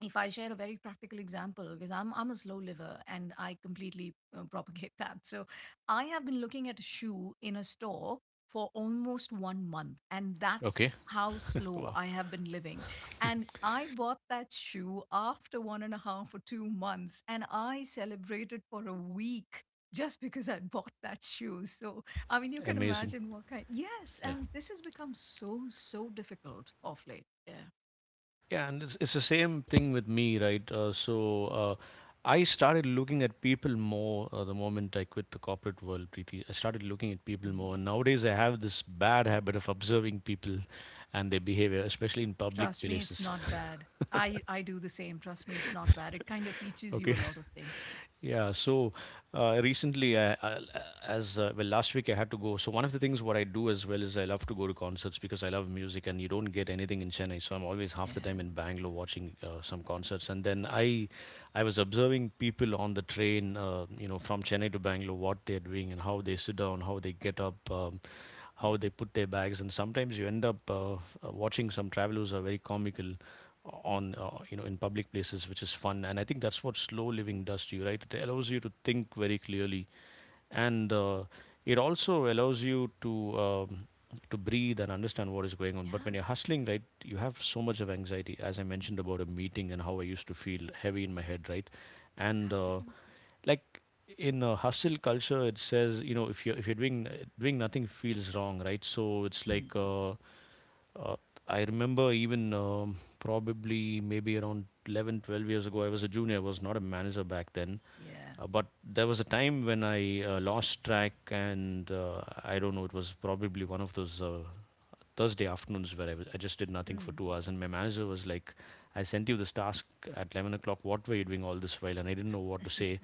Speaker 2: if I share a very practical example, because I'm a slow liver and I completely propagate (laughs) that. So I have been looking at a shoe in a store for almost 1 month, and
Speaker 1: Okay,
Speaker 2: that's how slow
Speaker 1: wow.
Speaker 2: I have been living. And I bought that shoe after one and a half or 2 months, and I celebrated for a week just because I bought that shoe. So I mean, you
Speaker 1: (laughs)
Speaker 2: can
Speaker 1: amazing.
Speaker 2: imagine what kind. Yes,
Speaker 1: Yeah.
Speaker 2: and this has become so so difficult of late. Yeah.
Speaker 1: Yeah, and it's the same thing with me, right? I started looking at people more the moment I quit the corporate world, Preeti. I started looking at people
Speaker 2: Hmm.
Speaker 1: more, and nowadays I have this bad habit of observing people and their behavior, especially in public
Speaker 2: Trust me, it's
Speaker 1: places.
Speaker 2: not
Speaker 1: (laughs)
Speaker 2: bad. I do the same. Trust me, it's not bad. It kind of teaches you
Speaker 1: Okay.
Speaker 2: a lot of things.
Speaker 1: (laughs)
Speaker 2: (laughs)
Speaker 1: Yeah, so, recently, I, as well, last week I had to go. So one of the things what I do as well is I love to go to concerts because I love music, and you don't get anything in Chennai. So I'm always half the
Speaker 2: Yeah,
Speaker 1: time in Bangalore watching some concerts. And then I was observing people on the train, you know, from Chennai to Bangalore, what they're doing and how they sit down, how they get up. How
Speaker 2: yeah,
Speaker 1: they put their bags, and sometimes you end up watching some travelers who are very comical on you know, in public places, which is fun. And I think that's what slow living does to you, right? It allows you to think very clearly, and it also allows you to breathe and understand what is going on. But when
Speaker 2: yeah.
Speaker 1: you're hustling, right, you have so much of anxiety, as I mentioned about a meeting and how I used to feel heavy in my head, right? And uh,
Speaker 2: Absolutely.
Speaker 1: like in a hustle culture, it says, you know, if you're doing nothing feels wrong, right? So it's
Speaker 2: Mm.
Speaker 1: like uh, I remember even probably maybe around 11, 12 years ago, I was a junior, I was not a manager back then.
Speaker 2: Yeah.
Speaker 1: But there was a time when I lost track, and I don't know, it was probably one of those Thursday afternoons where I just did nothing for
Speaker 2: Mm.
Speaker 1: 2 hours. And my manager was like, I sent you this task at 11 o'clock. What were you doing all this while? And I didn't know what to say.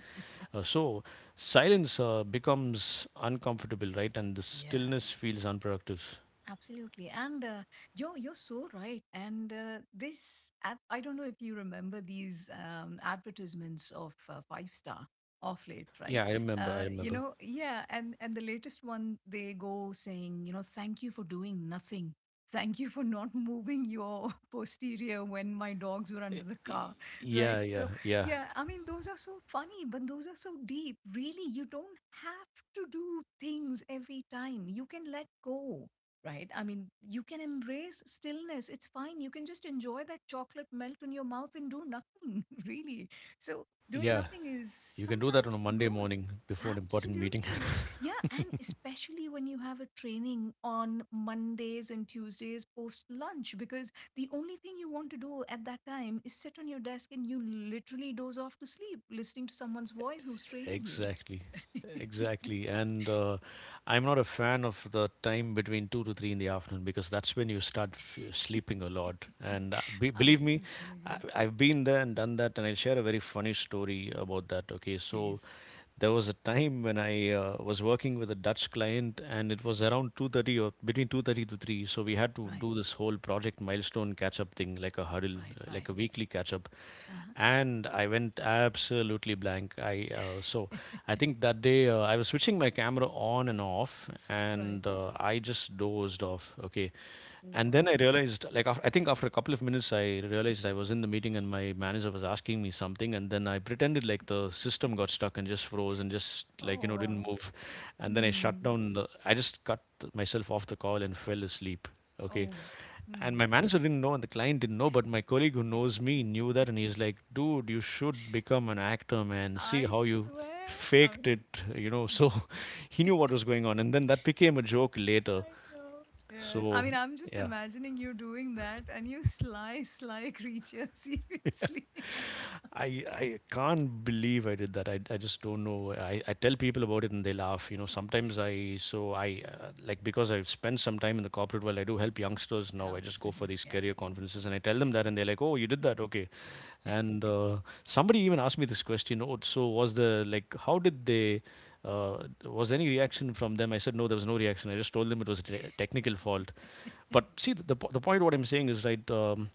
Speaker 1: So silence becomes uncomfortable, right? And the
Speaker 2: (laughs) Yeah.
Speaker 1: stillness feels unproductive.
Speaker 2: Absolutely. And you're so right. And I don't know if you remember these advertisements of Five Star off late, right?
Speaker 1: Yeah, I remember. I
Speaker 2: You
Speaker 1: remember.
Speaker 2: know, yeah. And the latest one, they go saying, you know, thank you for doing nothing. Thank you for not moving your (laughs) posterior when my dogs were
Speaker 1: Y-
Speaker 2: under the car, right?
Speaker 1: yeah, yeah,
Speaker 2: So,
Speaker 1: yeah,
Speaker 2: yeah, I mean, those are so funny, but those are so deep. Really, you don't have to do things every time. You can let go right? I mean, you can embrace stillness. It's fine. You can just enjoy that chocolate melt in your mouth and do nothing, (laughs) really. So, doing
Speaker 1: yeah.
Speaker 2: nothing is
Speaker 1: You can do that on a
Speaker 2: sometimes the
Speaker 1: Monday
Speaker 2: goal.
Speaker 1: morning before an important meeting.
Speaker 2: Absolutely. Yeah. And
Speaker 1: (laughs)
Speaker 2: especially when you have a training on Mondays and Tuesdays post lunch, because the only thing you want to do at that time is sit on your desk and you literally doze off to sleep, listening to someone's voice who's training you.
Speaker 1: Exactly.
Speaker 2: (laughs)
Speaker 1: Exactly. And I'm not a fan of the time between 2 to 3 in the afternoon because that's when you start f sleeping a lot. And be
Speaker 2: I
Speaker 1: believe me,
Speaker 2: totally
Speaker 1: I
Speaker 2: agree.
Speaker 1: I've been there and done that, and I'll share a very funny story about that. Okay, so
Speaker 2: Please.
Speaker 1: there was a time when I was working with a Dutch client, and it was around 2:30 or between 2:30 to 3. So we had to
Speaker 2: Right,
Speaker 1: do this whole project milestone catch-up thing, like a huddle,
Speaker 2: right,
Speaker 1: like
Speaker 2: right.
Speaker 1: a weekly catch-up.
Speaker 2: Uh-huh.
Speaker 1: And I went absolutely blank. Uh, so
Speaker 2: (laughs)
Speaker 1: I think that day I was switching my camera on and off,
Speaker 2: Right.
Speaker 1: and I just dozed off. Okay, and then
Speaker 2: Wow.
Speaker 1: I realized, like, after, I think after a couple of minutes, I realized I was in the meeting and my manager was asking me something. And then I pretended like the system got stuck and just froze and just, like,
Speaker 2: Oh,
Speaker 1: didn't
Speaker 2: wow.
Speaker 1: move. And then
Speaker 2: Hmm.
Speaker 1: I just cut myself off the call and fell asleep. Okay.
Speaker 2: Oh,
Speaker 1: And
Speaker 2: hmm.
Speaker 1: my manager didn't know and the client didn't know, but my colleague who knows me knew that. And he's like, dude, you should become an actor, man. See
Speaker 2: I
Speaker 1: how you
Speaker 2: swear. I
Speaker 1: faked
Speaker 2: mean,
Speaker 1: it. So (laughs) he knew what was going on. And then that became a joke later.
Speaker 2: I know. Yeah. I
Speaker 1: So,
Speaker 2: mean, I'm just
Speaker 1: yeah.
Speaker 2: imagining you doing that and you sly, sly creature, (laughs) seriously.
Speaker 1: I can't believe I did that. I just don't know. I tell people about it and they laugh. You know, sometimes I so I like, because I've spent some time in the corporate world. I do help youngsters now. I just go for these
Speaker 2: Absolutely.
Speaker 1: career
Speaker 2: Absolutely.
Speaker 1: conferences and I tell them that and they're like, oh, you did that, okay. And somebody even asked me this question. Oh, so was the like how did they? Uh, was there any reaction from them? I said no, there was no reaction. I just told them it was a technical fault. But see, the point what I'm saying is right.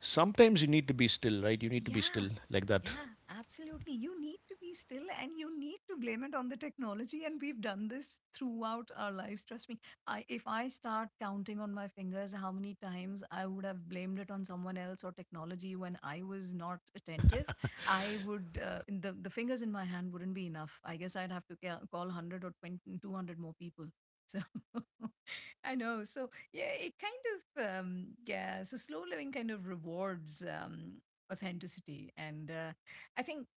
Speaker 1: Sometimes you need to be still, right? You need to be
Speaker 2: Yeah.
Speaker 1: still like that.
Speaker 2: Yeah, absolutely. You need to be still and you need to blame it on the technology. And we've done this throughout our lives. Trust me. I, if I start counting on my fingers how many times I would have blamed it on someone else or technology when I was not attentive, I would, the fingers in my hand wouldn't be enough. I guess I'd have to call 100 or 20, 200 more people. So (laughs) I know. So yeah, it kind of yeah. So slow living kind of rewards. Authenticity. And I think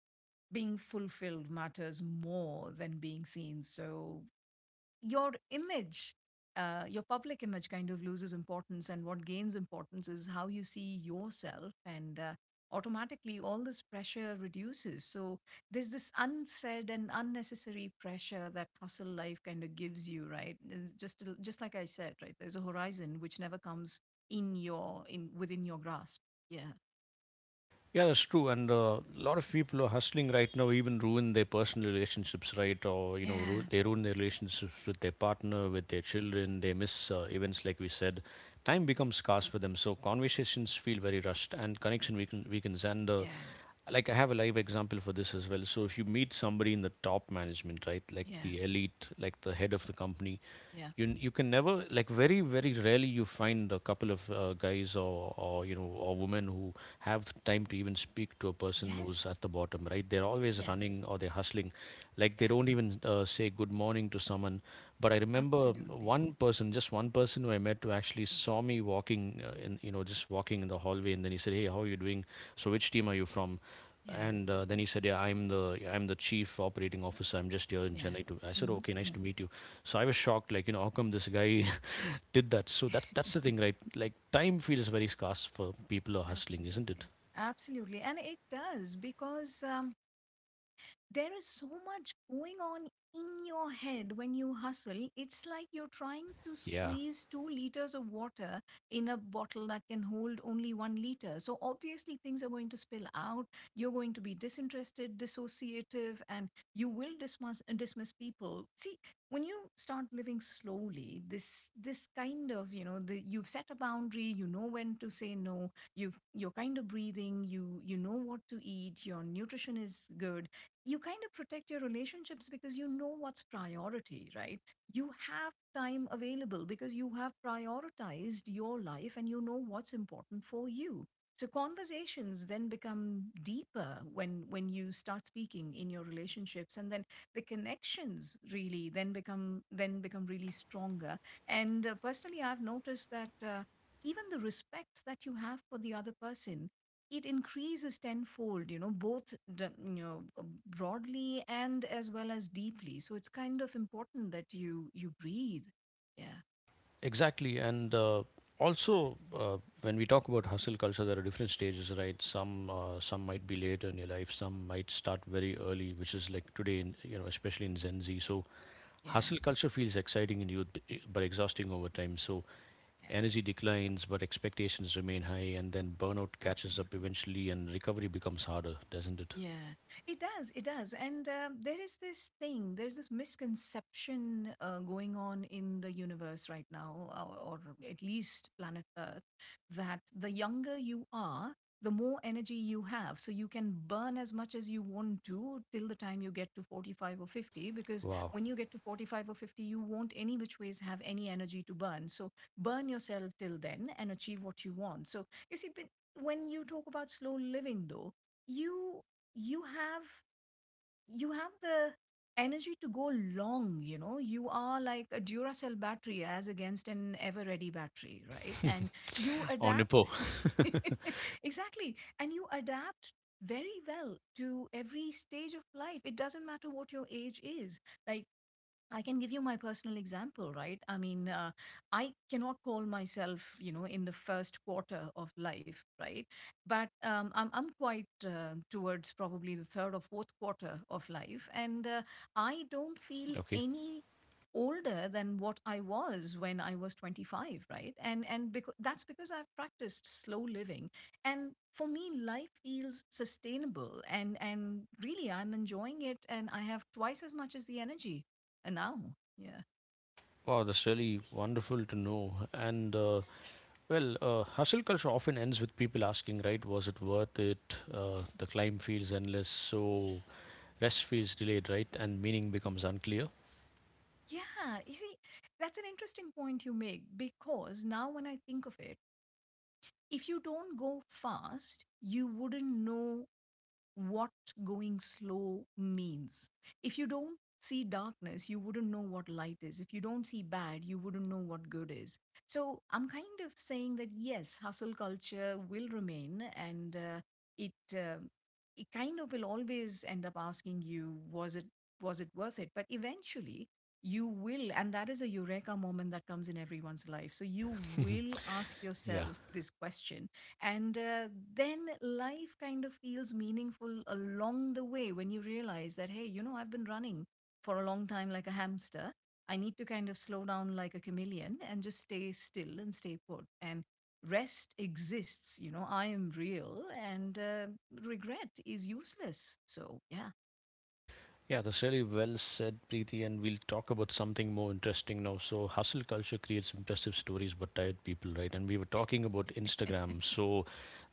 Speaker 2: being fulfilled matters more than being seen. So your image, your public image kind of loses importance. And what gains importance is how you see yourself. And automatically, all this pressure reduces. So there's this unsaid and unnecessary pressure that hustle life kind of gives you, right? And Just like I said, right? There's a horizon which never comes in your in within your grasp. Yeah.
Speaker 1: Yeah, that's true. And a lot of people are hustling right now, even ruin their personal relationships, right? Or, you know,
Speaker 2: Yeah.
Speaker 1: they ruin their relationships with their partner, with their children. They miss events, like we said. Time becomes scarce for them. So conversations feel very rushed and weakens. And,
Speaker 2: Yeah.
Speaker 1: like, I have a live example for this as well. So if you meet somebody in the top management, right, like
Speaker 2: Yeah.
Speaker 1: the elite, like the head of the company,
Speaker 2: Yeah.
Speaker 1: you can never, like, very very rarely you find a couple of guys, or you know, or women who have time to even speak to a person who's at
Speaker 2: Yes.
Speaker 1: the bottom, right? They're always running
Speaker 2: Yes.
Speaker 1: or they're hustling. Like, they
Speaker 2: Yeah.
Speaker 1: don't even say good morning to someone. But I remember
Speaker 2: Absolutely.
Speaker 1: one person, just one person who I met, who actually saw me walking in you know, just walking in the hallway, and then he said, hey, how are you doing? So which team are you from?
Speaker 2: Yeah.
Speaker 1: And then he said, yeah, I'm the chief operating officer. I'm just here in
Speaker 2: Yeah.
Speaker 1: Chennai. To I said,
Speaker 2: Hmm.
Speaker 1: okay, nice to meet you. So I was shocked, like, you know, how come this guy (laughs) did that? So that's the thing, right? Like, time feels very scarce for people who are hustling, isn't it?
Speaker 2: Absolutely. Absolutely. And it does because there is so much going on in your head when you hustle. It's like you're trying to
Speaker 1: Yeah,
Speaker 2: squeeze 2 liters of water in a bottle that can hold only 1 liter. So, obviously, things are going to spill out. You're going to be disinterested, dissociative, and you will dismiss people. See, when you start living slowly, this kind of, you know, the, you've set a boundary, you know when to say no. You're kind of breathing. You know what to eat. Your nutrition is good. You kind of protect your relationships because you know what's priority, right? You have time available because you have prioritized your life and you know what's important for you. So conversations then become deeper when you start speaking in your relationships, and then the connections really then become really stronger. And personally I've noticed that even the respect that you have for the other person, it increases tenfold, you know, both you know, broadly and as well as deeply. So it's kind of important that you breathe. Yeah,
Speaker 1: exactly. And also, uh, when we talk about hustle culture, there are different stages, right? Some might be later in your life, some might start very early, which is like today, in, you know, especially in Gen Z. So
Speaker 2: yeah,
Speaker 1: hustle culture feels exciting in youth, but exhausting over time. So
Speaker 2: yeah,
Speaker 1: energy declines, but expectations remain high, and then burnout catches
Speaker 2: absolutely.
Speaker 1: up eventually, and recovery becomes harder, doesn't it?
Speaker 2: Yeah, it does. It does. And there is this thing, there's this misconception going on in the universe right now, or at least planet Earth, that the younger you are, the more energy you have. So you can burn as much as you want to till the time you get to 45 or 50, because
Speaker 1: Wow.
Speaker 2: when you get to 45 or 50, you won't any which ways have any energy to burn. So burn yourself till then and achieve what you want. So you see, but when you talk about slow living, though, you you have you have the energy to go long. You know, you are like a Duracell battery as against an Ever Ready battery, right? And you
Speaker 1: (laughs) Or Nippo. (laughs)
Speaker 2: adapt. (laughs) Exactly. And you adapt very well to every stage of life. It doesn't matter what your age is. Like, I can give you my personal example, right? I mean, I cannot call myself, you know, in the first quarter of life, right? But I'm quite towards probably the third or fourth quarter of life. And I don't feel
Speaker 1: Okay.
Speaker 2: any older than what I was when I was 25, right? And because that's because I've practiced slow living. And for me, life feels sustainable and really I'm enjoying it and I have twice as much as the energy and now, yeah.
Speaker 1: Wow, that's really wonderful to know. And well, hustle culture often ends with people asking, right, was it worth it? The climb feels endless, so rest feels delayed, right? And meaning becomes unclear.
Speaker 2: Yeah, you see, that's an interesting point you make because now when I think of it, if you don't go fast, you wouldn't know what going slow means. If you don't see darkness, you wouldn't know what light is. If you don't see bad, you wouldn't know what good is. So I'm kind of saying that yes, hustle culture will remain and it. Uh, it kind of will always end up asking you was it worth it, but eventually you will, and that is a eureka moment that comes in everyone's life. So you will ask
Speaker 1: (laughs) Yeah.
Speaker 2: yourself this question. And then life kind of feels meaningful along the way when you realize that, hey, you know, I've been running for a long time like a hamster. I need to kind of slow down like a chameleon and just stay still and stay put. And rest exists, you know, I am real, and regret is useless. So, yeah.
Speaker 1: Yeah, that's really well said, Preeti. And we'll talk about something more interesting now. So, hustle culture creates impressive stories but tired people, right? And we were talking about
Speaker 2: (laughs)
Speaker 1: Instagram. So,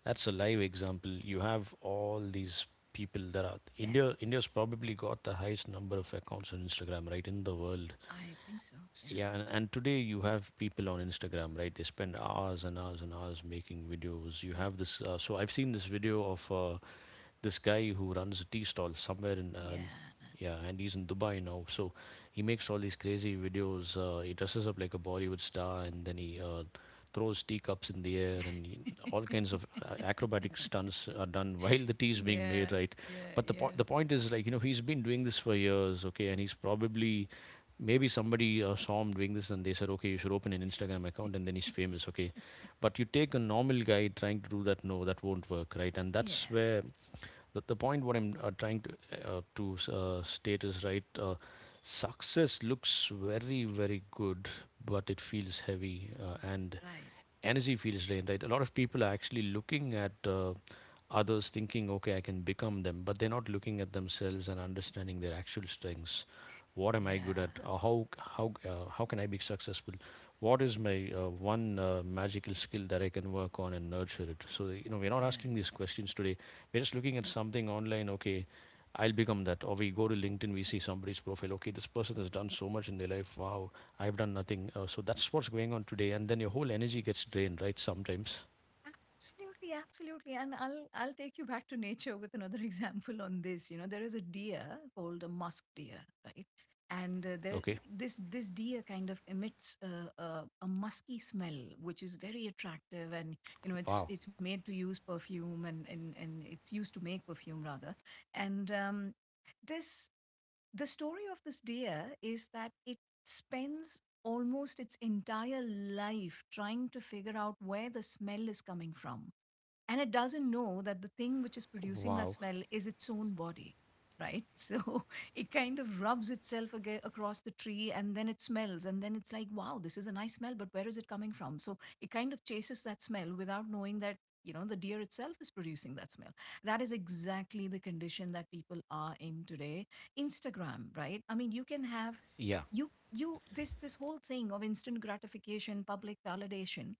Speaker 1: that's a live example. You have all these people that are India. India's
Speaker 2: Yes,
Speaker 1: probably got the highest number of accounts on Instagram, right, in the world.
Speaker 2: I think so. Yeah.
Speaker 1: Yeah, and today you have people on Instagram, right? They spend hours and hours and hours making videos. You have this. I've seen this video of. This guy who runs a tea stall somewhere in
Speaker 2: Yeah.
Speaker 1: yeah, and he's in Dubai now. So he makes all these crazy videos. He dresses up like a Bollywood star and then he throws teacups in the air, and he, all kinds of acrobatic
Speaker 2: (laughs)
Speaker 1: stunts are done (laughs) while the tea is being made,
Speaker 2: Yeah.
Speaker 1: right?
Speaker 2: Yeah.
Speaker 1: But
Speaker 2: Yeah.
Speaker 1: the point is, like, you know, he's been doing this for years, okay, and he's probably, maybe somebody saw him doing this and they said, okay, you should open an Instagram account, and then he's famous,
Speaker 2: (laughs)
Speaker 1: okay. But you take a normal guy trying to do that, no, that won't work, right? And
Speaker 2: Yeah.
Speaker 1: that's where the point what I'm trying to state is right. Success looks very very good, but it feels heavy, and
Speaker 2: Right.
Speaker 1: energy feels drained, right? A lot of people are actually looking at others thinking, okay, I can become them, but they're not looking at themselves and understanding their actual strengths. What am I good at?
Speaker 2: Yeah,
Speaker 1: How how can I be successful? What is my one magical skill that I can work on and nurture it? So you know, we're not
Speaker 2: yeah.
Speaker 1: asking these questions today. We're just looking at something online, okay, I'll become that. Or we go to LinkedIn, we see somebody's profile, okay, this person has done so much in their life, wow, I've done nothing. So that's what's going on today. And then your whole energy gets drained, right? Sometimes,
Speaker 2: Absolutely, absolutely. And I'll take you back to nature with another (laughs) example on this. You know, there is a deer called a musk deer, right? And there
Speaker 1: okay,
Speaker 2: this deer kind of emits a musky smell, which is very attractive. And you know,
Speaker 1: wow,
Speaker 2: it's made to use perfume, and it's used to make perfume rather. And this the story of this deer is that it spends almost its entire life trying to figure out where the smell is coming from. And it doesn't know that the thing which is producing that
Speaker 1: wow,
Speaker 2: smell is its own body, right? (laughs) So it kind of rubs itself aga across the tree and then it smells. And then it's like, wow, this is a nice smell, but where is it coming from? So it kind of chases that smell without knowing that you know, the deer itself is producing that smell. That is exactly the condition that people are in today Instagram, right? I mean, you can have
Speaker 1: yeah.
Speaker 2: you this whole thing of instant gratification, public validation.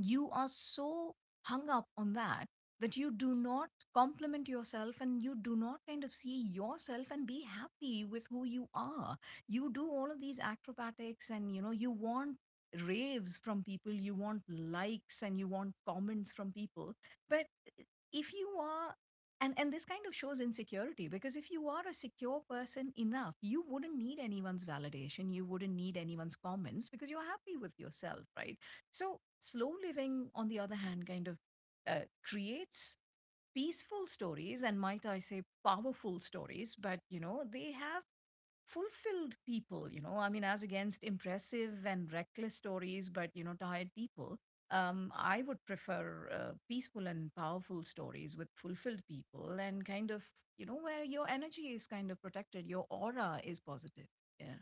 Speaker 2: You are so hung up on that that you do not compliment yourself, and you do not kind of see yourself and be happy with who you are. You do all of these acrobatics, and you know you want raves from people, you want likes, and you want comments from people. But if you are— and this kind of shows insecurity, because if you are a secure person enough, you wouldn't need anyone's validation, you wouldn't need anyone's comments, because you're happy with yourself, right? So, slow living, on the other hand, kind of uh, creates peaceful stories and, might I say, powerful stories, but you know, they have fulfilled people, you know, I mean, as against impressive and reckless stories, but you know, tired people. I would prefer peaceful and powerful stories with fulfilled people and kind of, you know, where your energy is kind of protected, your aura is positive. Yeah.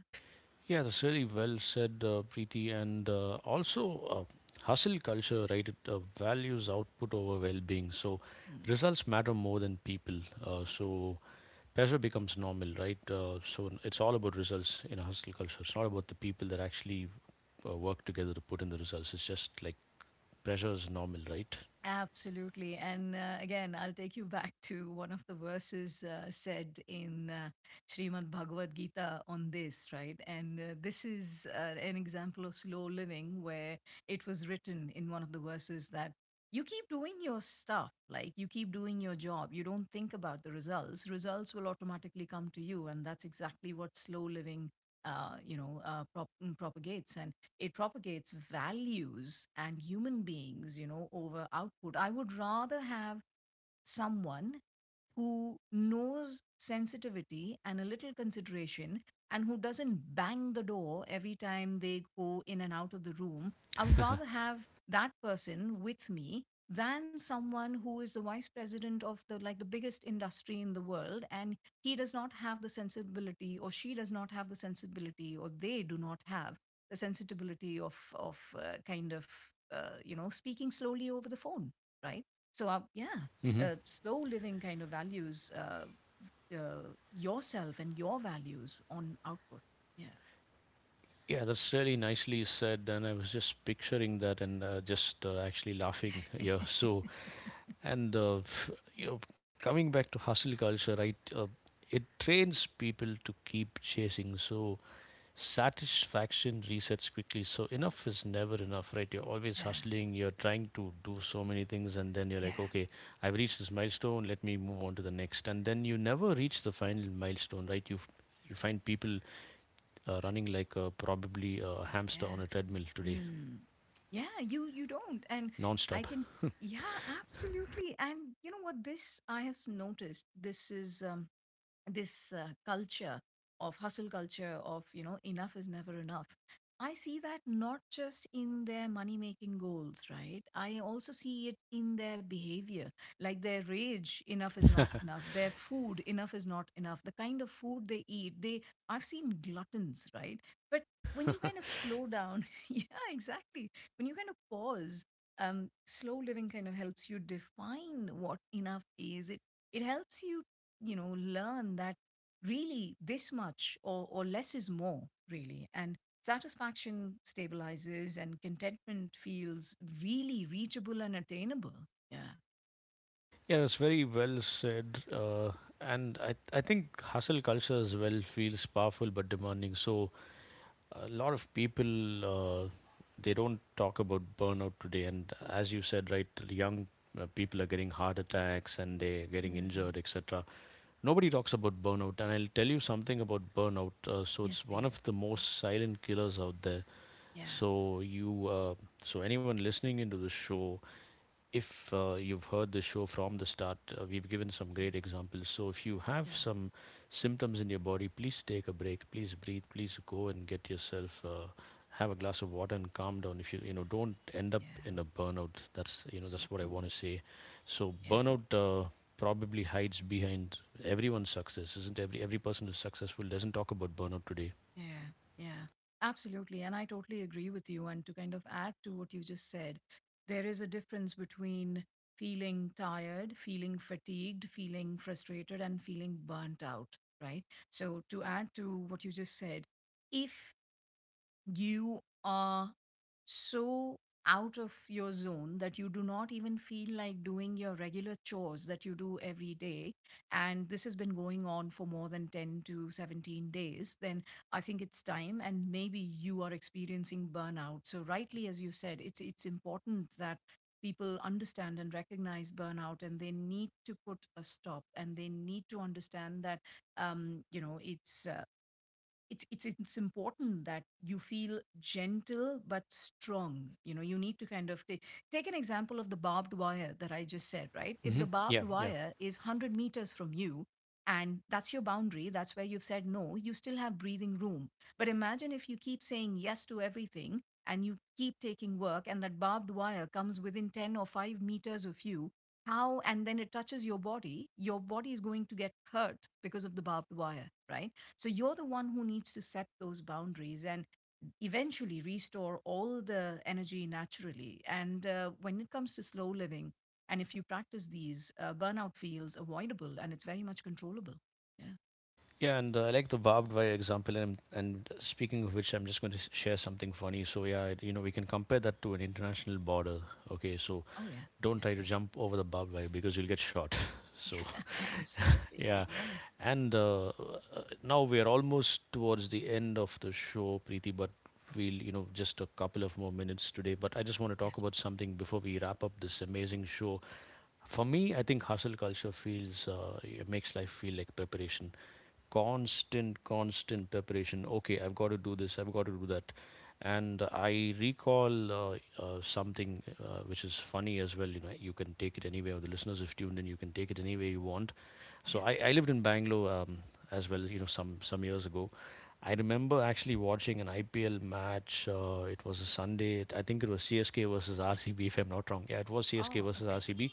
Speaker 1: Yeah, that's really well said, Preeti. And hustle culture, right? It values output over well being. So,
Speaker 2: Hmm.
Speaker 1: results matter more than people. Pressure becomes normal, right? It's all about results in a hustle culture. It's not about the people that actually work together to put in the results. It's just like pressure is normal, right?
Speaker 2: Absolutely. And again, I'll take you back (laughs) to one of the verses said in Srimad Bhagavad Gita on this, right? And this is an example of slow living, where it was written in one of the verses that you keep doing your stuff, like you keep doing your job. You don't think about the results. Results will automatically come to you. And that's exactly what slow living— you know, propagates. And it propagates values and human beings, you know, over output. I would rather have someone who knows sensitivity and a little consideration, and who doesn't bang the door every time they go in and out of the room. I would rather
Speaker 1: (laughs)
Speaker 2: have that person with me than someone who is the vice president of the, like, the biggest industry in the world, and he does not have the sensibility, or she does not have the sensibility, or they do not have the sensitivity of kind of you know, speaking slowly over the phone, right? So, yeah.
Speaker 1: Hmm.
Speaker 2: Slow living kind of values uh, yourself and your values on output. Yeah.
Speaker 1: Yeah, that's really nicely said. And I was just picturing that, and just actually laughing.
Speaker 2: (laughs)
Speaker 1: Yeah. (laughs) So,
Speaker 2: Yeah.
Speaker 1: and, you know, coming back to hustle culture, right? It trains people to keep chasing. So, satisfaction resets quickly, so enough is never enough, right? You're always hustling, you're trying to do so many things, and then you're
Speaker 2: Yeah.
Speaker 1: like, okay, I've reached this milestone, let me move on to the next. And then you never reach the final milestone, right? You find people running like probably a hamster on a
Speaker 2: Yeah.
Speaker 1: treadmill today,
Speaker 2: Mm. Yeah. You don't, and I
Speaker 1: non-stop.
Speaker 2: can. Yeah, absolutely. And you know what? This I have noticed. This is this culture of hustle culture, of, you know, enough is never enough. I see that not just in their money making goals, right? I also see it in their behavior, like their rage, enough is not
Speaker 1: (laughs)
Speaker 2: enough, their food, enough is not enough, the kind of food they eat. They, I've seen gluttons, right? But when you kind of slow down— (laughs) yeah, exactly— when you kind of pause, slow living kind of helps you define what enough is. It helps you, you know, learn that really this much, or less is more, really. And satisfaction stabilizes and contentment feels really reachable and attainable, yeah.
Speaker 1: Yeah, that's very well said. And I think hustle culture as well feels powerful but demanding. So a lot of people they don't talk about burnout today, and as you said, right, young people are getting heart attacks and they're getting
Speaker 2: Mm.
Speaker 1: injured, etc. Nobody talks about burnout, and I'll tell you something about burnout. So
Speaker 2: Yes,
Speaker 1: it's one
Speaker 2: please.
Speaker 1: of the
Speaker 2: Mm.
Speaker 1: most silent killers out there.
Speaker 2: Yeah.
Speaker 1: so you uh, so anyone listening into the show, if you've heard the show from the start, we've given some
Speaker 2: Yeah.
Speaker 1: great examples. So if you have
Speaker 2: Yeah.
Speaker 1: some symptoms in your body, please take a break. Please breathe. Please go and get yourself. Have a glass of water and calm down. If you, you know, don't end up
Speaker 2: Yeah.
Speaker 1: in a burnout, that's, you know,
Speaker 2: So
Speaker 1: that's what I
Speaker 2: true.
Speaker 1: want to say. So
Speaker 2: Yeah.
Speaker 1: burnout probably hides behind everyone's success, isn't, every person who's successful doesn't talk about burnout today.
Speaker 2: Yeah, yeah, absolutely. And I totally agree with you. And to kind of add to what you just said, there is a difference between feeling tired, feeling fatigued, feeling frustrated, and feeling burnt out, right? So, to add to what you just said, if you are so out of your zone that you do not even feel like doing your regular chores that you do every day, and this has been going on for more than 10 to 17 days, then I think it's time, and maybe you are experiencing burnout. So, rightly as you said, it's important that people understand and recognize burnout, and they need to put a stop, and they need to understand that, you know, it's important that you feel gentle but strong. You know, you need to kind of take an example of the barbed wire that I just said, right? If the
Speaker 1: Hmm.
Speaker 2: barbed
Speaker 1: Yeah, yeah.
Speaker 2: wire is 100 meters from you, and that's your boundary, that's where you've said no, you still have breathing room. But imagine if you keep saying yes to everything, and you keep taking work, and that barbed wire comes within 10 or 5 meters of you. How— and then it touches your body, your body is going to get hurt because of the barbed wire, right? So you're the one who needs to set those boundaries, and eventually restore all the energy naturally. And when it comes to slow living, and if you practice these, burnout feels avoidable, and it's very much controllable. Yeah.
Speaker 1: Yeah, and I like the barbed wire example. And speaking of which, I'm just going to share something funny. So, yeah, you know, we can compare that to an international border. Okay, so
Speaker 2: Oh, yeah.
Speaker 1: don't try to jump over the barbed wire because you'll get shot. (laughs) So,
Speaker 2: Yeah. Yeah. (laughs)
Speaker 1: (laughs)
Speaker 2: Absolutely.
Speaker 1: yeah.
Speaker 2: Yeah.
Speaker 1: And now we are almost towards the end of the show, Preeti, but we'll, you know, just a couple of more minutes today. But I just want to talk
Speaker 2: Yes.
Speaker 1: about something before we wrap up this amazing show. For me, I think hustle culture feels, it makes life feel like preparation. Constant, constant preparation. Okay, I've got to do this, I've got to do that. And I recall something which is funny as well. You know, you can take it anywhere. The listeners have tuned in, you can take it anywhere you want.
Speaker 2: Yeah.
Speaker 1: So I lived in Bangalore, as well, you know, some years ago. I remember actually watching an IPL match. It was a Sunday. I think it was CSK versus RCB, if I'm not wrong. Yeah, it was CSK
Speaker 2: Oh,
Speaker 1: versus
Speaker 2: okay.
Speaker 1: RCB,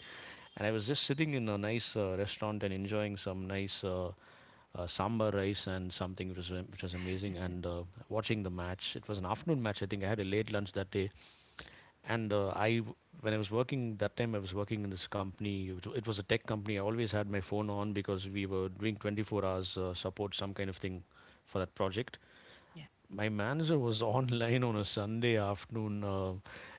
Speaker 1: and I was just sitting in a nice restaurant and enjoying some nice sambar rice and something which was amazing. And watching the match, it was an afternoon match. I think I had a late lunch that day, and when I was working that time, I was working in this company, it was a tech company. I always had my phone on because we were doing 24 hours support, some kind of thing for that project.
Speaker 2: Yeah.
Speaker 1: My manager was (laughs) online on a Sunday afternoon,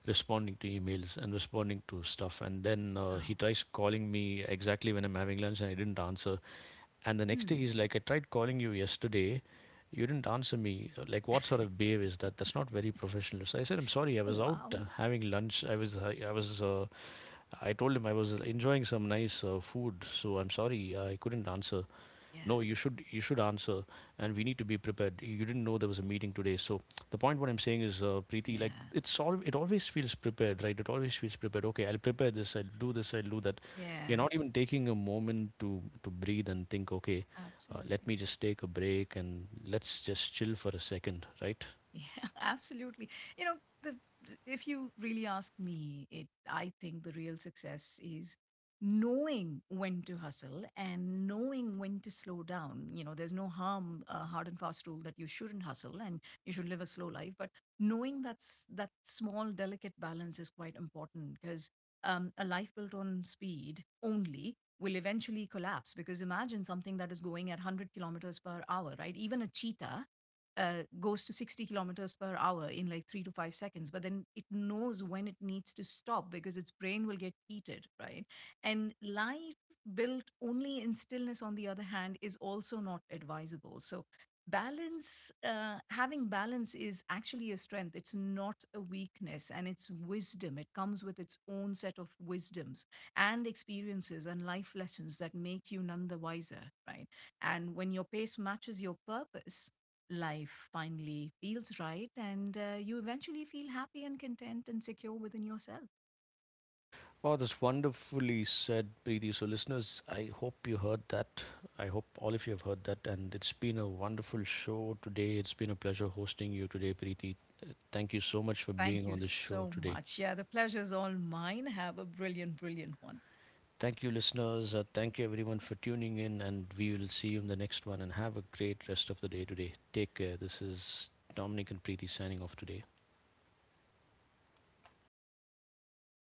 Speaker 1: responding to emails and responding to stuff, and then
Speaker 2: Oh.
Speaker 1: he tries calling me exactly when I'm having lunch, and I didn't answer. And the next day
Speaker 2: Hmm.
Speaker 1: he's like, I tried calling you yesterday. You didn't answer me. Like, what sort of behavior is that? That's not very professional. So I said, I'm sorry, I
Speaker 2: Oh,
Speaker 1: was out
Speaker 2: wow.
Speaker 1: having lunch. I told him I was enjoying some nice food. So I'm sorry, I couldn't answer.
Speaker 2: Yeah.
Speaker 1: No, you should, you should answer, and we need to be prepared, you didn't know there was a meeting today. So the point what I'm saying is, Preeti, like
Speaker 2: Yeah.
Speaker 1: it's all, it always feels prepared, right? It always feels prepared. Okay, I'll prepare this, I'll do this, I'll do that.
Speaker 2: Yeah.
Speaker 1: You're not even taking a moment to breathe and think, okay, let
Speaker 2: Absolutely.
Speaker 1: me just take a break and let's just chill for a second, right?
Speaker 2: Yeah, (laughs) absolutely. You know, the if you really ask me, it I think the real success is knowing when to hustle and knowing when to slow down. You know, there's no harm, hard and fast rule that you shouldn't hustle and you should live a slow life. But knowing that's that small, delicate balance is quite important, because a life built on speed only will eventually collapse. Because imagine something that is going at 100 kilometers per hour, right? Even a cheetah goes to 60 kilometers per hour in like 3 to 5 seconds, but then it knows when it needs to stop because its brain will get heated, right? And life built only in stillness, on the other hand, is also not advisable. So, balance, having balance is actually a strength. It's not a weakness, and it's wisdom. It comes with its own set of wisdoms and experiences and life lessons that make you none the wiser, right? And when your pace matches your purpose, life finally feels right, and you eventually feel happy and content and secure within yourself.
Speaker 1: Oh, that's wonderfully said, Preeti. So, listeners, I hope you heard that. I hope all of you have heard that. And it's been a wonderful show today. It's been a pleasure hosting you today, Preeti. Thank you so much for
Speaker 2: Thank
Speaker 1: being
Speaker 2: you
Speaker 1: on this show
Speaker 2: so
Speaker 1: today.
Speaker 2: much. Yeah, the pleasure's all mine. Have a brilliant, brilliant one.
Speaker 1: Thank you, listeners. Thank you, everyone, for tuning in. And we will see you in the next one. And have a great rest of the day today. Take care. This is Dominic and Preeti signing off today.